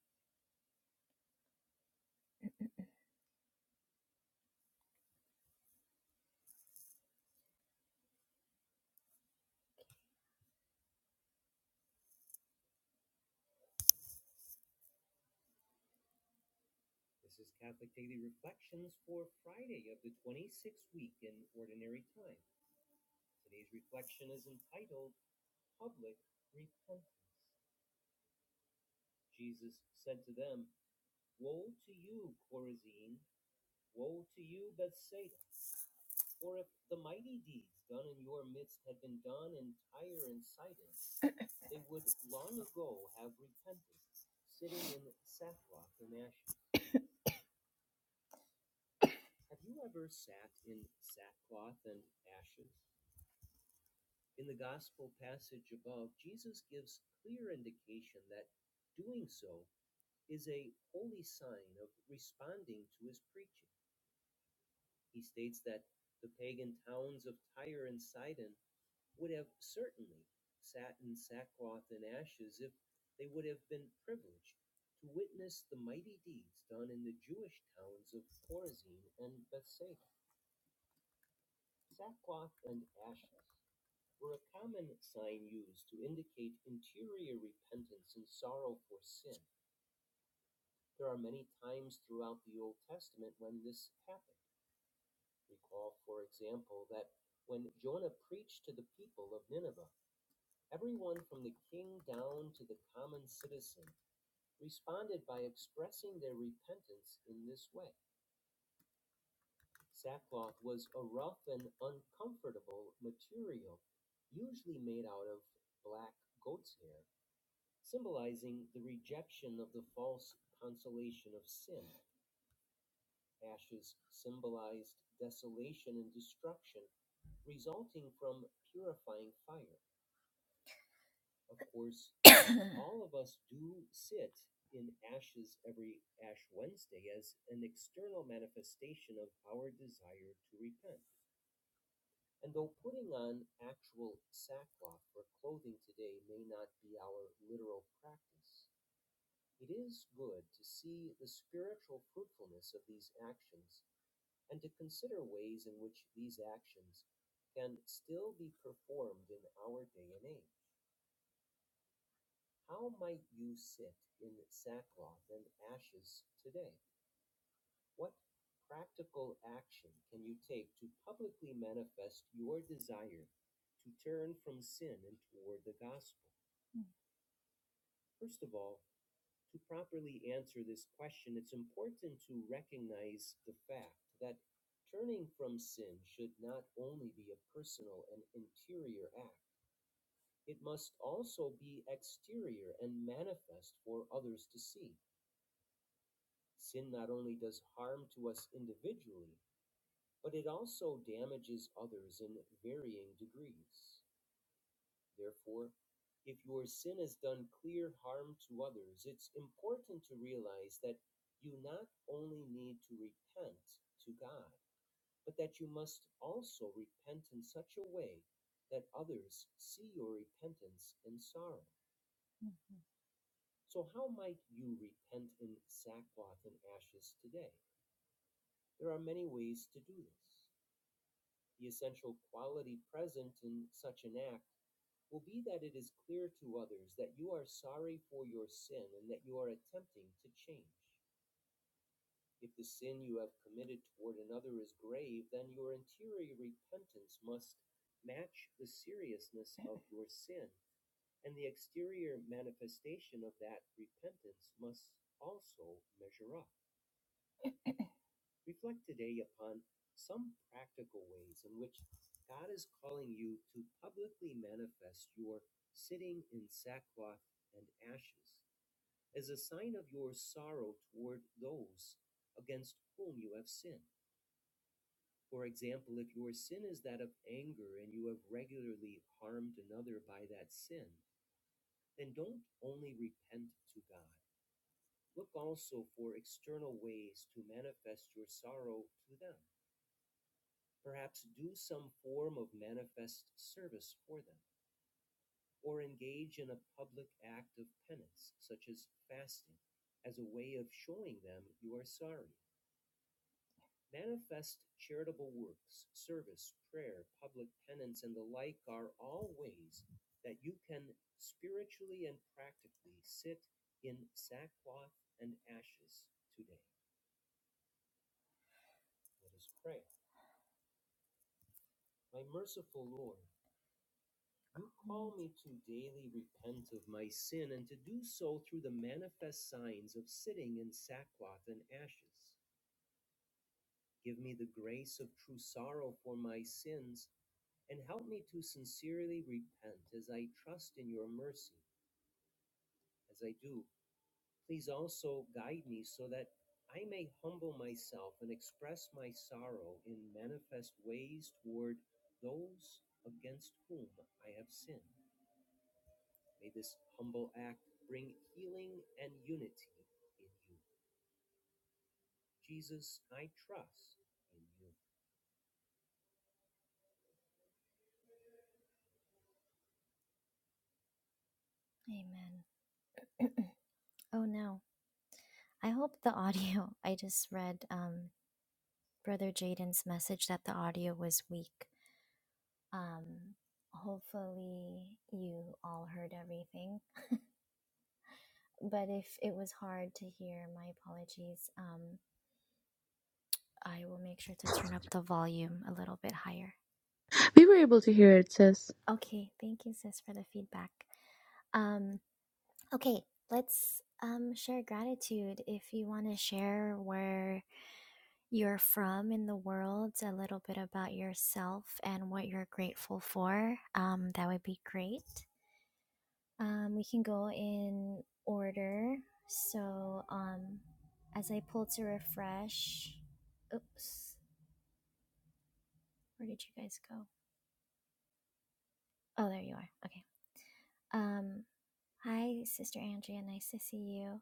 Amen. oh, no. I hope the audio, I just read um, Brother Jaden's message that the audio was weak. Um, hopefully, you all heard everything. But if it was hard to hear, my apologies. Um, I will make sure to turn up the volume a little bit higher. we were able to hear it, sis. Okay, thank you, sis, for the feedback. Um, okay, let's um, share gratitude. If you want to share where you're from in the world, a little bit about yourself and what you're grateful for. Um, that would be great. Um, we can go in order. So, um, as I pull to refresh, oops, where did you guys go? Oh, there you are. Okay. Um, hi, Sister Andrea. Nice to see you.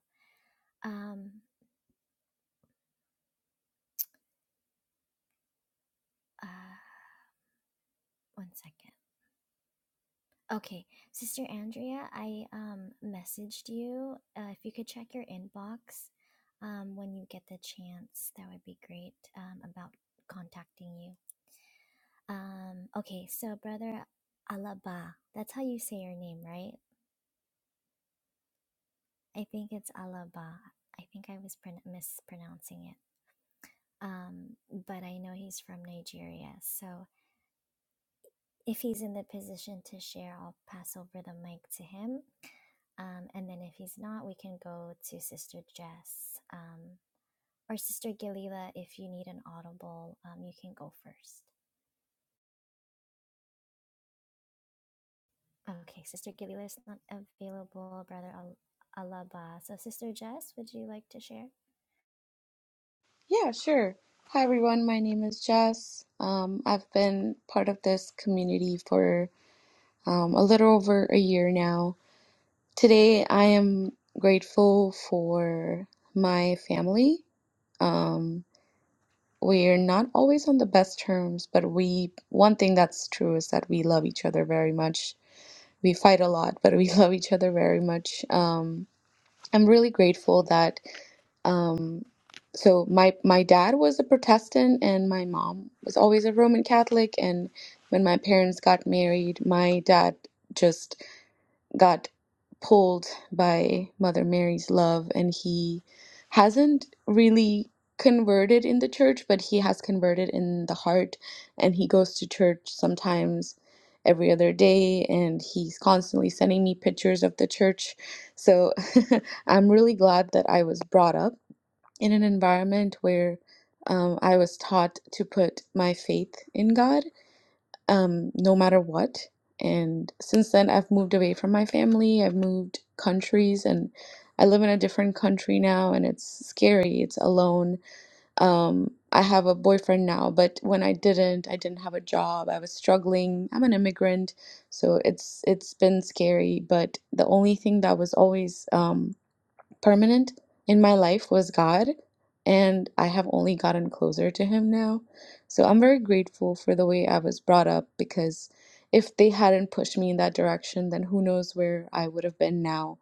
Um, uh, one second. Okay, Sister Andrea, I um messaged you. Uh, if you could check your inbox um when you get the chance, that would be great. Um, about contacting you. Um, okay, so brother Alaba, that's how you say your name, right? I think it's Alaba. I think I was pron- mispronouncing it. Um, but I know he's from Nigeria, so if he's in the position to share, I'll pass over the mic to him. Um, and then if he's not, we can go to Sister Jess um, or Sister Galila. If you need an audible, um, you can go first. Okay, Sister Galila is not available, Brother Al- Alaba. So, Sister Jess, would you like to share? Yeah, sure. Hi, everyone. My name is Jess. Um, I've been part of this community for um, a little over a year now. Today, I am grateful for my family. Um, We're not always on the best terms, but we, one thing that's true is that we love each other very much. We fight a lot, but we love each other very much. Um, I'm really grateful that, um, so my my dad was a Protestant and my mom was always a Roman Catholic. And when my parents got married, my dad just got pulled by Mother Mary's love, and he hasn't really converted in the church, but he has converted in the heart, and he goes to church sometimes every other day, and he's constantly sending me pictures of the church. So I'm really glad that I was brought up in an environment where um, I was taught to put my faith in God um, no matter what. And since then, I've moved away from my family. I've moved countries, and I live in a different country now, and it's scary. It's alone. Um, I have a boyfriend now, but when I didn't, I didn't have a job. I was struggling. I'm an immigrant, so it's it's been scary. But the only thing that was always um, permanent in my life was God, and I have only gotten closer to Him now. So I'm very grateful for the way I was brought up because if they hadn't pushed me in that direction, then who knows where I would have been now.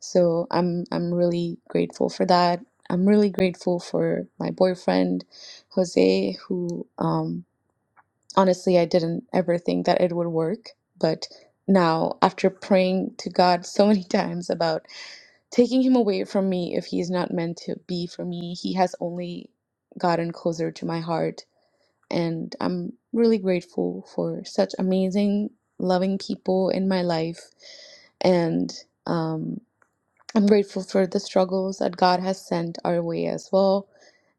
So I'm I'm really grateful for that. I'm really grateful for my boyfriend, Jose, who um, honestly I didn't ever think that it would work, but now after praying to God so many times about taking him away from me if he's not meant to be for me. He has only gotten closer to my heart, and I'm really grateful for such amazing, loving people in my life. And um, I'm grateful for the struggles that God has sent our way as well.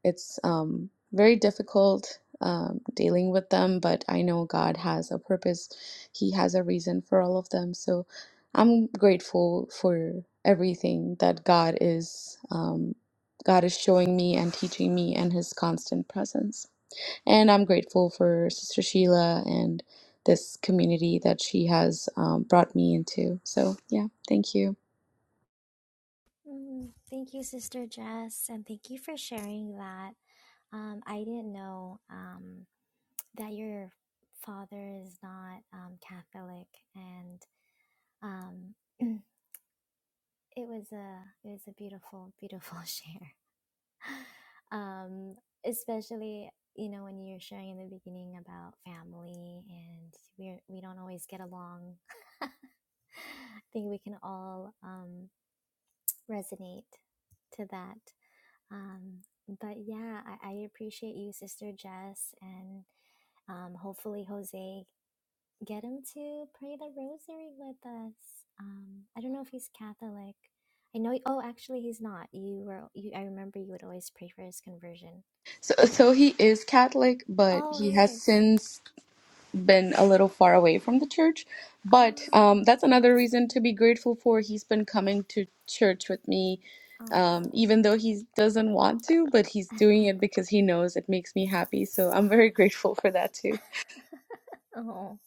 It's um, very difficult um, dealing with them, but I know God has a purpose. He has a reason for all of them. So I'm grateful for everything that God is. Um, God is showing me and teaching me and his constant presence. And I'm grateful for Sister Sheila and this community that she has um, brought me into. So, yeah, thank you. Mm, thank you, Sister Jess, and thank you for sharing that. Um, I didn't know um, that your father is not um, Catholic, and Um, it was a it was a beautiful beautiful share, um, especially you know when you're sharing in the beginning about family and we we don't always get along. I think we can all um, resonate to that. Um, but yeah, I, I appreciate you, Sister Jess, and um, hopefully Jose get him to pray the rosary with us. Um, I don't know if he's Catholic. I know. Oh, actually, he's not. You were. You, I remember you would always pray for his conversion. So, so he is Catholic, but Oh, he he has is. since been a little far away from the church. But Oh, um, that's okay. another reason to be grateful for. He's been coming to church with me, um, Oh, even though he doesn't want to, but he's doing it because he knows it makes me happy. So I'm very grateful for that too. oh.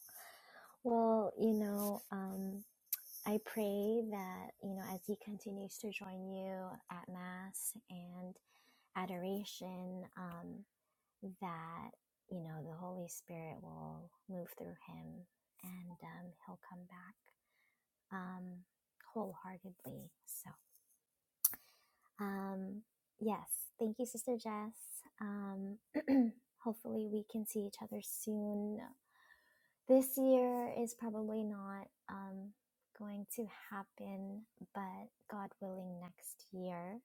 Well, you know, um, I pray that you know as he continues to join you at mass and adoration. Um, that you know the Holy Spirit will move through him and um, he'll come back um, wholeheartedly. So, um, yes, thank you, Sister Jess. Um, hopefully, we can see each other soon. This year is probably not um, going to happen, but God willing, next year,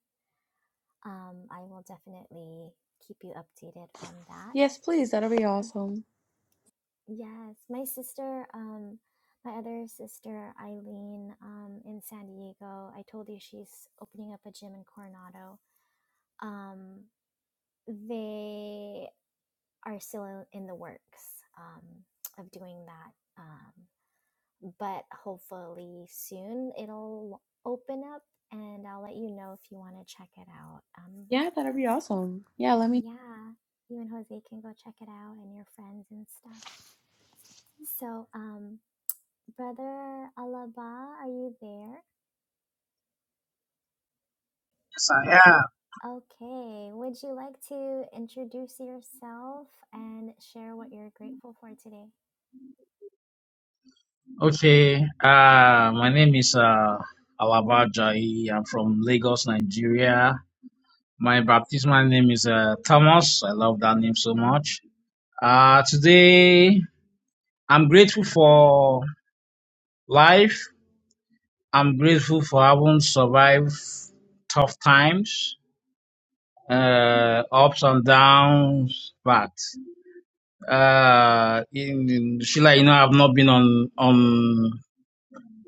um, I will definitely keep you updated on Yes, that. please. That'll be awesome. Yes, my sister, um, my other sister Eileen, um, in San Diego. I told you she's opening up a gym in Coronado. Um, they are still in the works um, of doing that, um, but hopefully soon it'll open up, and I'll let you know if you want to check it out. Um, Yeah, that'll be awesome. Yeah, let me. yeah, you and Jose can go check it out, and your friends and stuff. So, um, Brother Alaba, are you there? Yes, I am. Okay, would you like to introduce yourself and share what you're grateful for today? Okay, uh, my name is uh, Alaba Jai. I'm from Lagos, Nigeria. My baptismal name is uh, Thomas. I love that name so much. Uh, okay, I'm grateful for life. I'm grateful for having survived tough times, uh, ups and downs. But uh, in, in- Sheila, you know, I've not been on on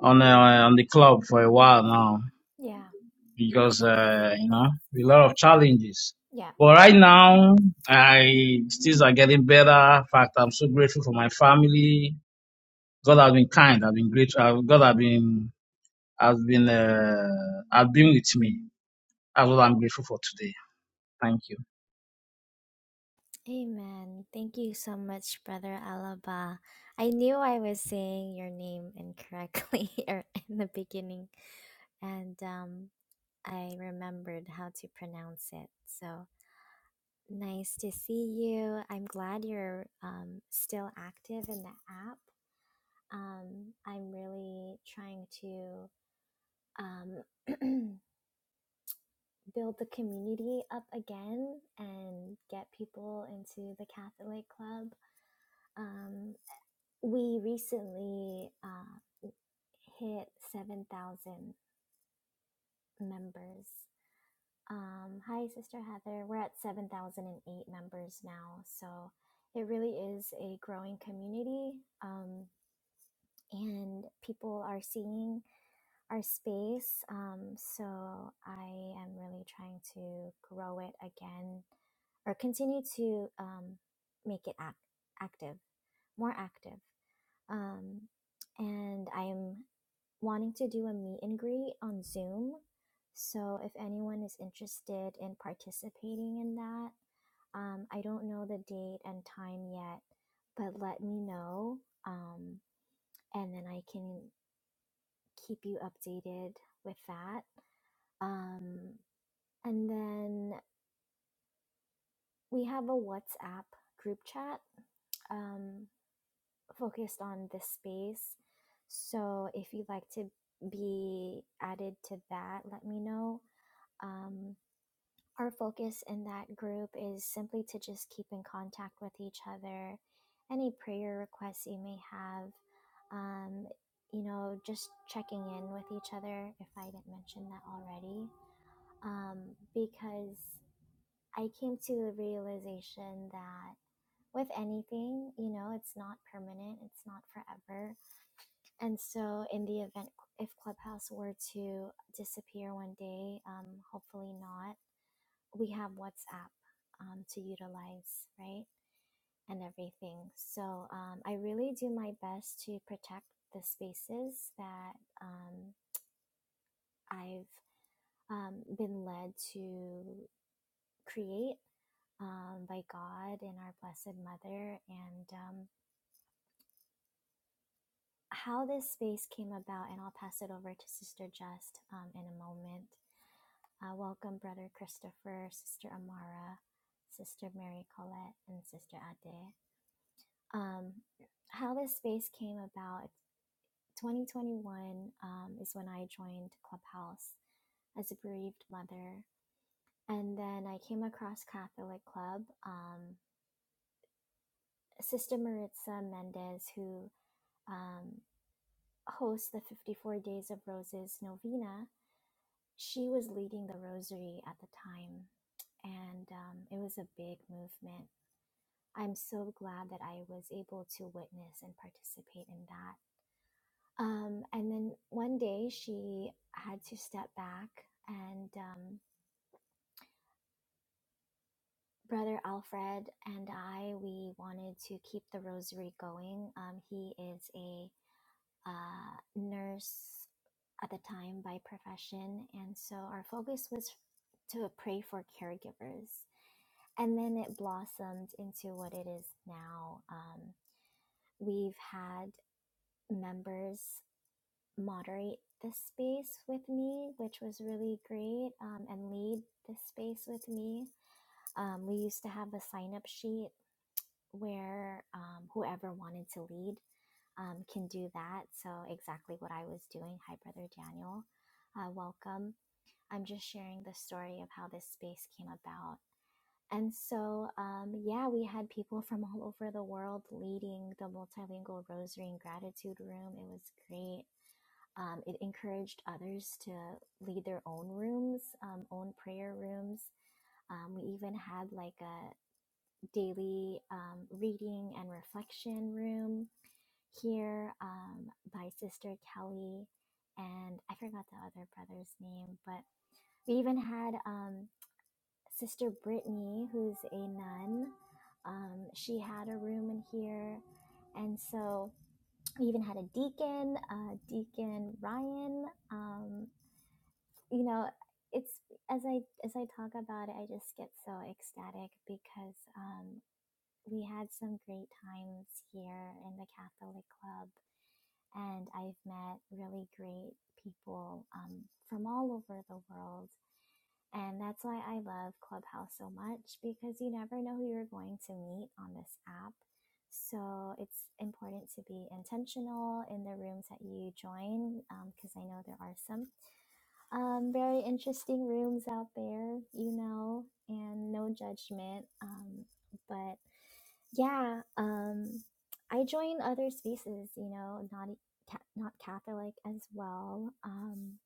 on uh, on the club for a while now. Yeah, because uh, you know a lot of challenges. yeah. But right now, I things are getting better. In fact, I'm so grateful for my family. God has been kind. I've been grateful. uh, God has been has been uh, has been with me. That's what I'm grateful for today. Thank you. Amen. Thank you so much, Brother Alaba. I knew I was saying your name incorrectly or in the beginning, and um, I remembered how to pronounce it. So nice to see you. I'm glad you're um, still active in the app Um, I'm really trying to um, build the community up again and get people into the Catholic Club. Um, we recently uh, hit 7,000 members. Um, hi, Sister Heather. We're at 7,008 members now. So it really is a growing community. Um, and people are seeing our space. Um, so I am really trying to grow it again or continue to um, make it act- active, more active. Um, and I am wanting to do a meet and greet on Zoom. So if anyone is interested in participating in that, um, I don't know the date and time yet, but let me know. Um, and then I can keep you updated with that. Um, and then we have a WhatsApp group chat um, focused on this space. So if you'd like to be added to that, let me know. Um, our focus in that group is simply to just keep in contact with each other, any prayer requests you may have, um, you know, just checking in with each other, if I didn't mention that already. Um, because I came to the realization that with anything, you know, it's not permanent, it's not forever. And so, in the event if Clubhouse were to disappear one day, um, hopefully not, we have WhatsApp um, to utilize, right? And everything. So, um, I really do my best to protect the spaces that um, I've um, been led to create um, by God and our Blessed Mother, and um, how this space came about. And I'll pass it over to Sister Just um, in a moment. Uh, welcome, Brother Christopher, Sister Amara, Sister Mary Colette, and Sister Ade. Um, how this space came about 2021 um, is when I joined Clubhouse as a bereaved mother. And then I came across Catholic Club. Um, Sister Maritza Mendez, who um, host the 54 Days of Roses novena, she was leading the rosary at the time. And um, it was a big movement. I'm so glad that I was able to witness and participate in that. Um, and then one day she had to step back, and um, Brother Alfred and I, we wanted to keep the rosary going. Um, he is a uh, nurse at the time by profession. And so our focus was to pray for caregivers. And then it blossomed into what it is now. Um, we've had members moderate the space with me, which was really great, um, and lead the space with me. Um, we used to have a sign up sheet where um, whoever wanted to lead um, can do that. So, exactly what I was doing. Hi, Brother Daniel. Uh, welcome. I'm just sharing the story of how this space came about. And so, um, yeah, we had people from all over the world leading the multilingual rosary and gratitude room. It was great. Um, it encouraged others to lead their own rooms, um, own prayer rooms. Um, we even had like a daily um, reading and reflection room here um, by Sister Kelly, and I forgot the other brother's name, but we even had um, Sister Brittany, who's a nun. Um, she had a room in here, and so we even had a deacon, uh, Deacon Ryan. Um, you know, it's as I as I talk about it, I just get so ecstatic because um, we had some great times here in the Catholic Club and I've met really great people um, from all over the world. And that's why I love Clubhouse so much because you never know who you're going to meet on this app. So it's important to be intentional in the rooms that you join because um, I know there are some um, very interesting rooms out there, you know, and no judgment. Um, but yeah, um, I join other spaces, you know, not e, ca- not Catholic as well. Um,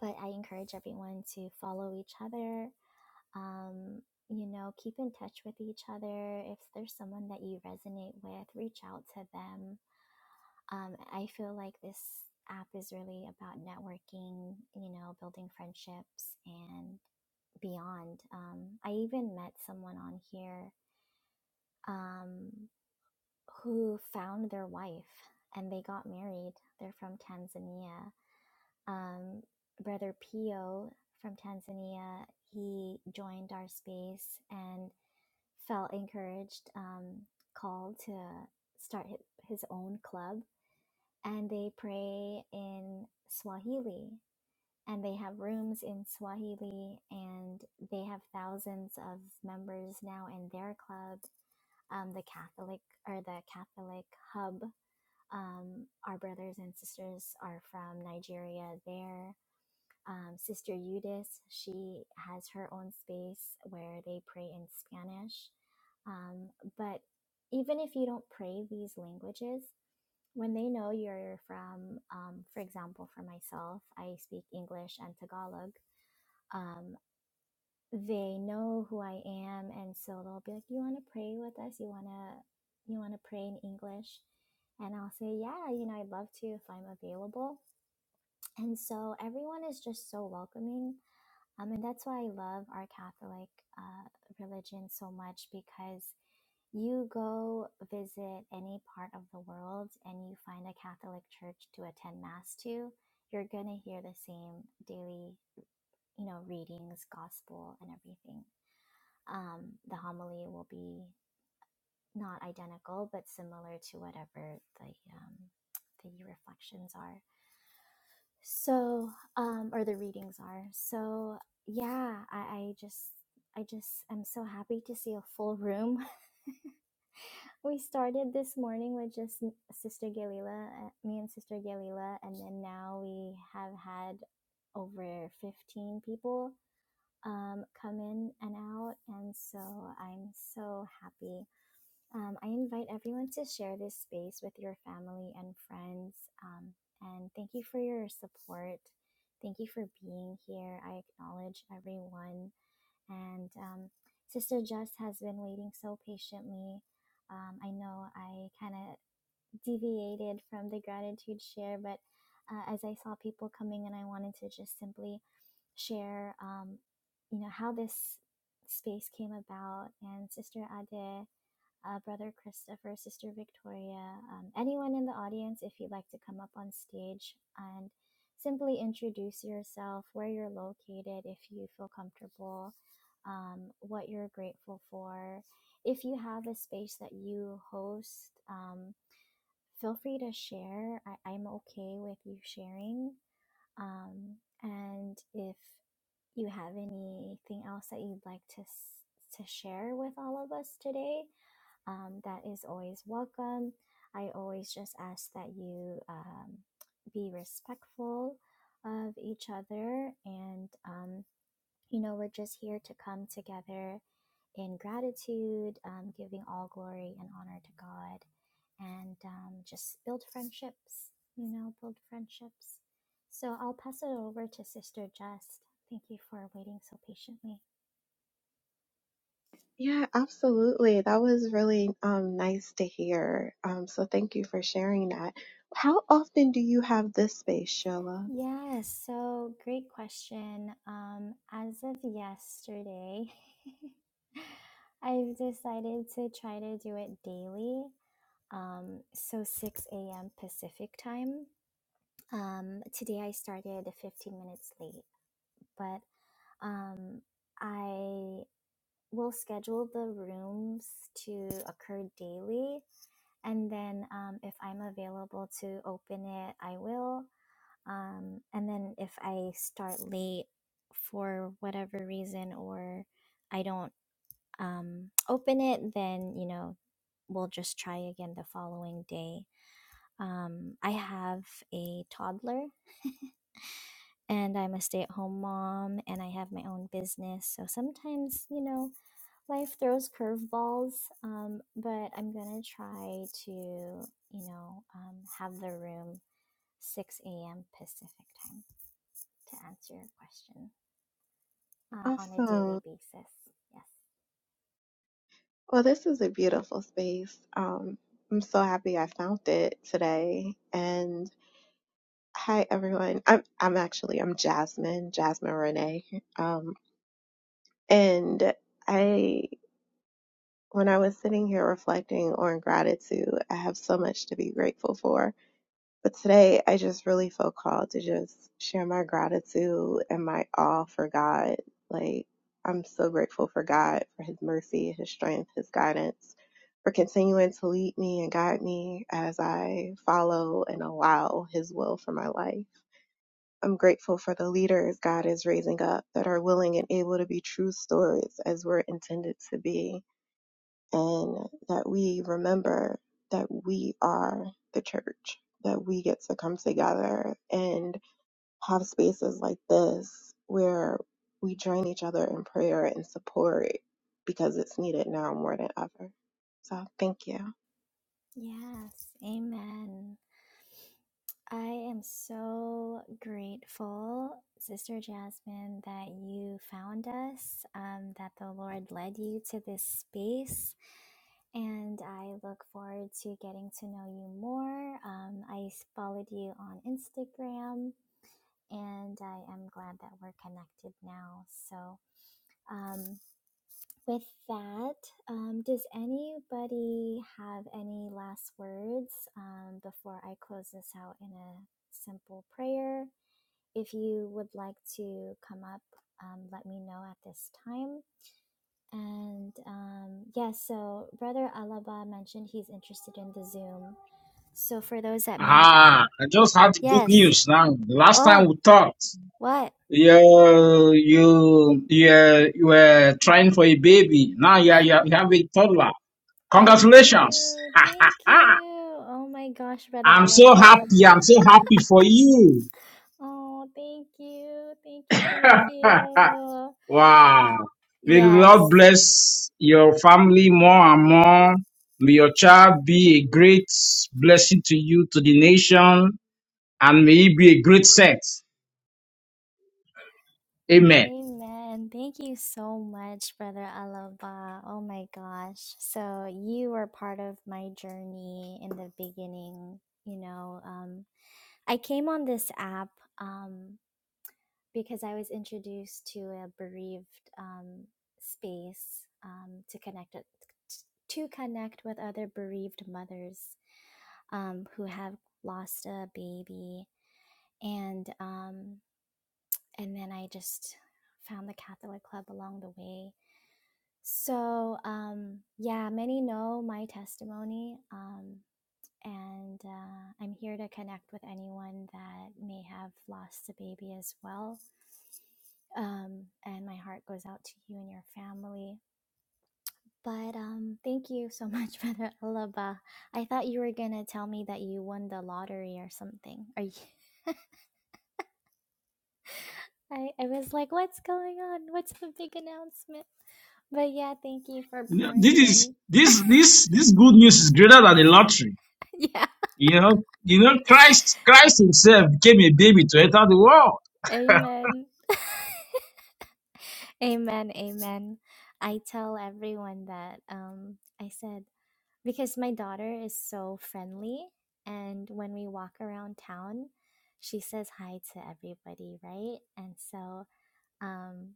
but I encourage everyone to follow each other. Um, you know, keep in touch with each other. If there's someone that you resonate with, reach out to them. Um, I feel like this app is really about networking, you know, building friendships and beyond. Um, I even met someone on here. Um, who found their wife and they got married. They're from Tanzania. Um, Brother Pio from Tanzania, he joined our space and felt encouraged, um, called to start hi- his own club. And they pray in Swahili and they have rooms in Swahili and they have thousands of members now in their club um, the Catholic or the Catholic hub um, our brothers and sisters are from Nigeria there. Um, Sister Eudice, she has her own space where they pray in Spanish. Um, but even if you don't pray these languages, when they know you're from, um, for example, for myself, I speak English and Tagalog. Um, they know who I am, and so they'll be like, "You want to pray with us? You wanna you want to pray in English?" And I'll say, "Yeah, you know, I'd love to if I'm available." And so everyone is just so welcoming, um, and that's why I love our Catholic uh, religion so much because you go visit any part of the world and you find a Catholic church to attend Mass to, you're going to hear the same daily, you know, readings, gospel, and everything um, the homily will be not identical but similar to whatever the um, the reflections are so um, or the readings are so yeah I, I just i just am so happy to see a full room we started this morning with just sister galila uh, me and sister galila and then now we have had over 15 people um, come in and out and so i'm so happy Um, I invite everyone to share this space with your family and friends. Um, and thank you for your support. Thank you for being here. I acknowledge everyone. And um, Sister Just has been waiting so patiently. Um, I know I kind of deviated from the gratitude share, but uh, as I saw people coming and I wanted to just simply share, um, you know, how this space came about. And Sister Ade, uh, Brother Christopher, Sister Victoria, um, anyone in the audience, if you'd like to come up on stage and simply introduce yourself, where you're located, if you feel comfortable, um, what you're grateful for. If you have a space that you host, um, feel free to share. I- I'm okay with you sharing. Um, and if you have anything else that you'd like to, s- to share with all of us today, um, that is always welcome. I always just ask that you um, be respectful of each other. And, um, you know, we're just here to come together in gratitude, um, giving all glory and honor to God, and um, just build friendships, you know, build friendships. So I'll pass it over to Sister Just. Thank you for waiting so patiently. Yeah, absolutely. That was really um, nice to hear. Um, so thank you for sharing that. How often do you have this space, Sheila? Yeah, so great question. Um, as of yesterday, I've decided to try to do it daily. Um, so 6 a.m. Pacific time. Um, today I started 15 minutes late, but um, I will schedule the rooms to occur daily. And then um, if I'm available to open it, I will. Um, and then if I start late for whatever reason or I don't um, open it, then, you know, we'll just try again the following day. Um, I have a toddler and I'm a stay at home mom and I have my own business. So sometimes, you know, life throws curveballs, um, but I'm going to try to, you know, um, have the room 6 a.m. Pacific time to answer your question. um, on a daily Awesome. basis. Yes. Well, this is a beautiful space. Um, I'm so happy I found it today. And hi, everyone. I'm I'm actually I'm Jasmine, Jasmine Renee. Um, and I when I was sitting here reflecting on gratitude, I have so much to be grateful for But today, I just really feel called to just share my gratitude and my awe for God. Like, I'm so grateful for God, for His mercy, His strength, His guidance, for continuing to lead me and guide me as I follow and allow His will for my life. I'm grateful for the leaders God is raising up that are willing and able to be true stories as we're intended to be and that we remember that we are the church, that we get to come together and have spaces like this where we join each other in prayer and support because it's needed now more than ever. So, thank you. Yes. Amen. I am so grateful, Sister Jasmine, that you found us, um, that the Lord led you to this space. And I look forward to getting to know you more. Um, I followed you on Instagram, and I am glad that we're connected now. So, um. with that, um, does anybody have any last words um, before I close this out in a simple prayer? If you would like to come up, um, let me know at this time. And um, yes, yeah, so Brother Alaba mentioned he's interested in the Zoom. So for those that may have, Ah, I just had the good yes. news now. The last time Oh, we talked, what? you you you, you were trying for a baby. Now you, are- you have a toddler. I Congratulations. do. Thank you. Oh my gosh, Brother I'm so Alaba. happy. I'm so happy for you. Oh, thank you. Thank you. Thank you. wow. May the Lord Yes. bless your family more and more. May your child be a great blessing to you, to the nation, and may he be a great saint. Amen. Amen. Thank you so much, Brother Alaba. Oh my gosh. So, you were part of my journey in the beginning. You know, um, I came on this app um, because I was introduced to a bereaved um, space um, to connect with, to connect with other bereaved mothers um, who have lost a baby and um, and then I just found the Catholic Club along the way. So um, yeah, many know my testimony, um, and uh, I'm here to connect with anyone that may have lost a baby as well. Um, and my heart goes out to you and your family. But um, thank you so much, Brother Alaba. I thought you were gonna tell me that you won the lottery or something. Are you? I, I was like, what's going on? What's the big announcement? But yeah, thank you for You know, This pouring is in. this this this good news is greater than the lottery. yeah. You know, you know, Christ Christ Himself became a baby to enter the world. Amen. amen. Amen. I tell everyone that um I said because my daughter is so friendly and when we walk around town, she says hi to everybody, right? And so um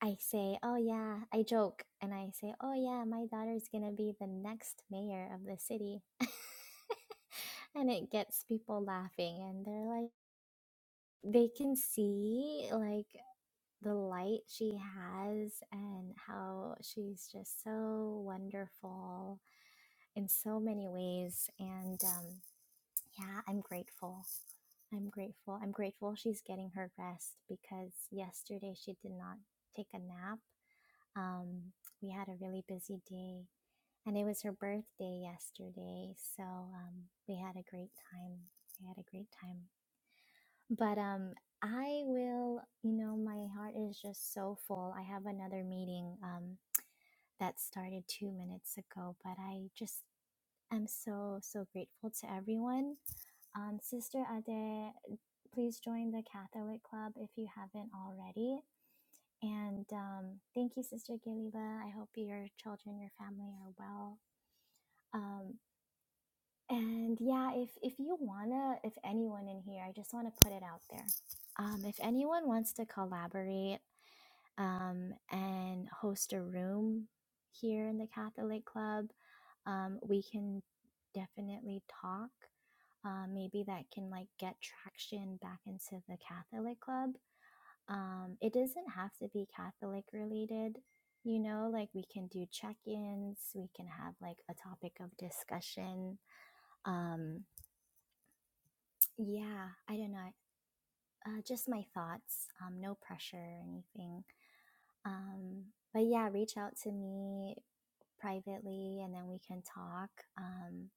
I say, oh yeah, I joke and I say, oh yeah, my daughter's gonna be the next mayor of the city. and it gets people laughing and they're like, they can see like the light she has and how she's just so wonderful in so many ways. And um, yeah, I'm grateful. I'm grateful. I'm grateful she's getting her rest because yesterday she did not take a nap Um, we had a really busy day, and it was her birthday yesterday, so um, we had a great time. We had a great time. But um, I will, you know, my heart is just so full. I have another meeting um, that started two minutes ago, but I just am so, so grateful to everyone. Um, Sister Ade, please join the Catholic Club if you haven't already. And um, thank you, Sister Gilila. I hope your children, your family are well. Um, and yeah, if if you wanna, if anyone in here, I just want to put it out there. Um, if anyone wants to collaborate um, and host a room here in the Catholic Club, um, we can definitely talk. Uh, maybe that can like get traction back into the Catholic Club um, it doesn't have to be Catholic related. You know, like we can do check ins, we can have like a topic of discussion. Um, yeah, I don't know. Uh, just my thoughts, um, no pressure or anything. Um, but yeah, reach out to me privately and then we can talk. Um,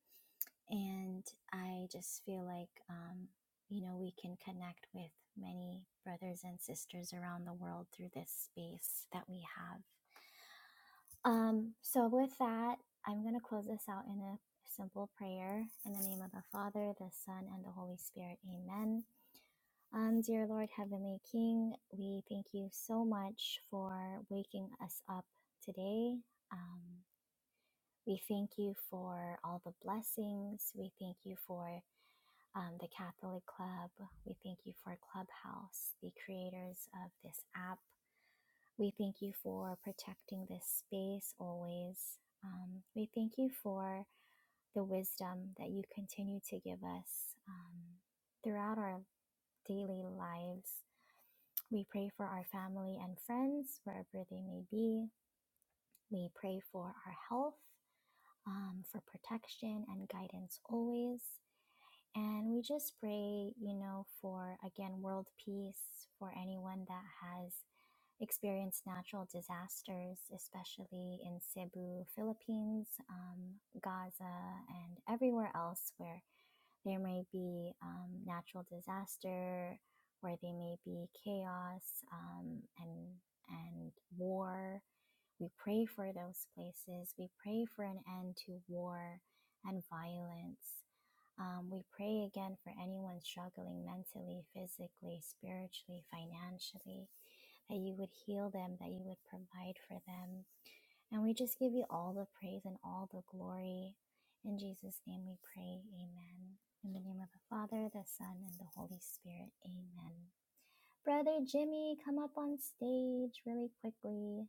and I just feel like, um, you know, we can connect with many brothers and sisters around the world through this space that we have. Um, so, with that, I'm going to close this out in a simple prayer in the name of the Father, the Son, and the Holy Spirit. Amen. Um, dear Lord, Heavenly King, we thank you so much for waking us up today. Um, we thank you for all the blessings. We thank you for um, the Catholic Club. We thank you for Clubhouse, the creators of this app. We thank you for protecting this space always. Um, we thank you for the wisdom that you continue to give us um, throughout our daily lives. We pray for our family and friends, wherever they may be. We pray for our health, um, for protection and guidance always. And we just pray, you know, for again, world peace, for anyone that has experienced natural disasters, especially in Cebu, Philippines, um, Gaza, and everywhere else where there may be um, natural disaster, where there may be chaos um, and and war. We pray for those places. We pray for an end to war and violence. Um, we pray again for anyone struggling mentally, physically, spiritually, financially, that you would heal them, that you would provide for them. And we just give you all the praise and all the glory. In Jesus' name we pray. Amen. In the name of the Father, the Son, and the Holy Spirit. Amen. Brother Jimmy, come up on stage really quickly.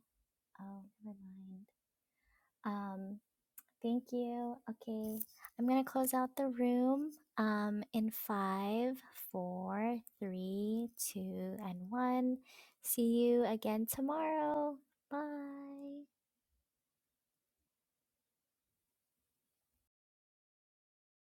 Oh, never mind. Um, Thank you. Okay. I'm going to close out the room um, in five, four, three, two, and one. See you again tomorrow. Bye.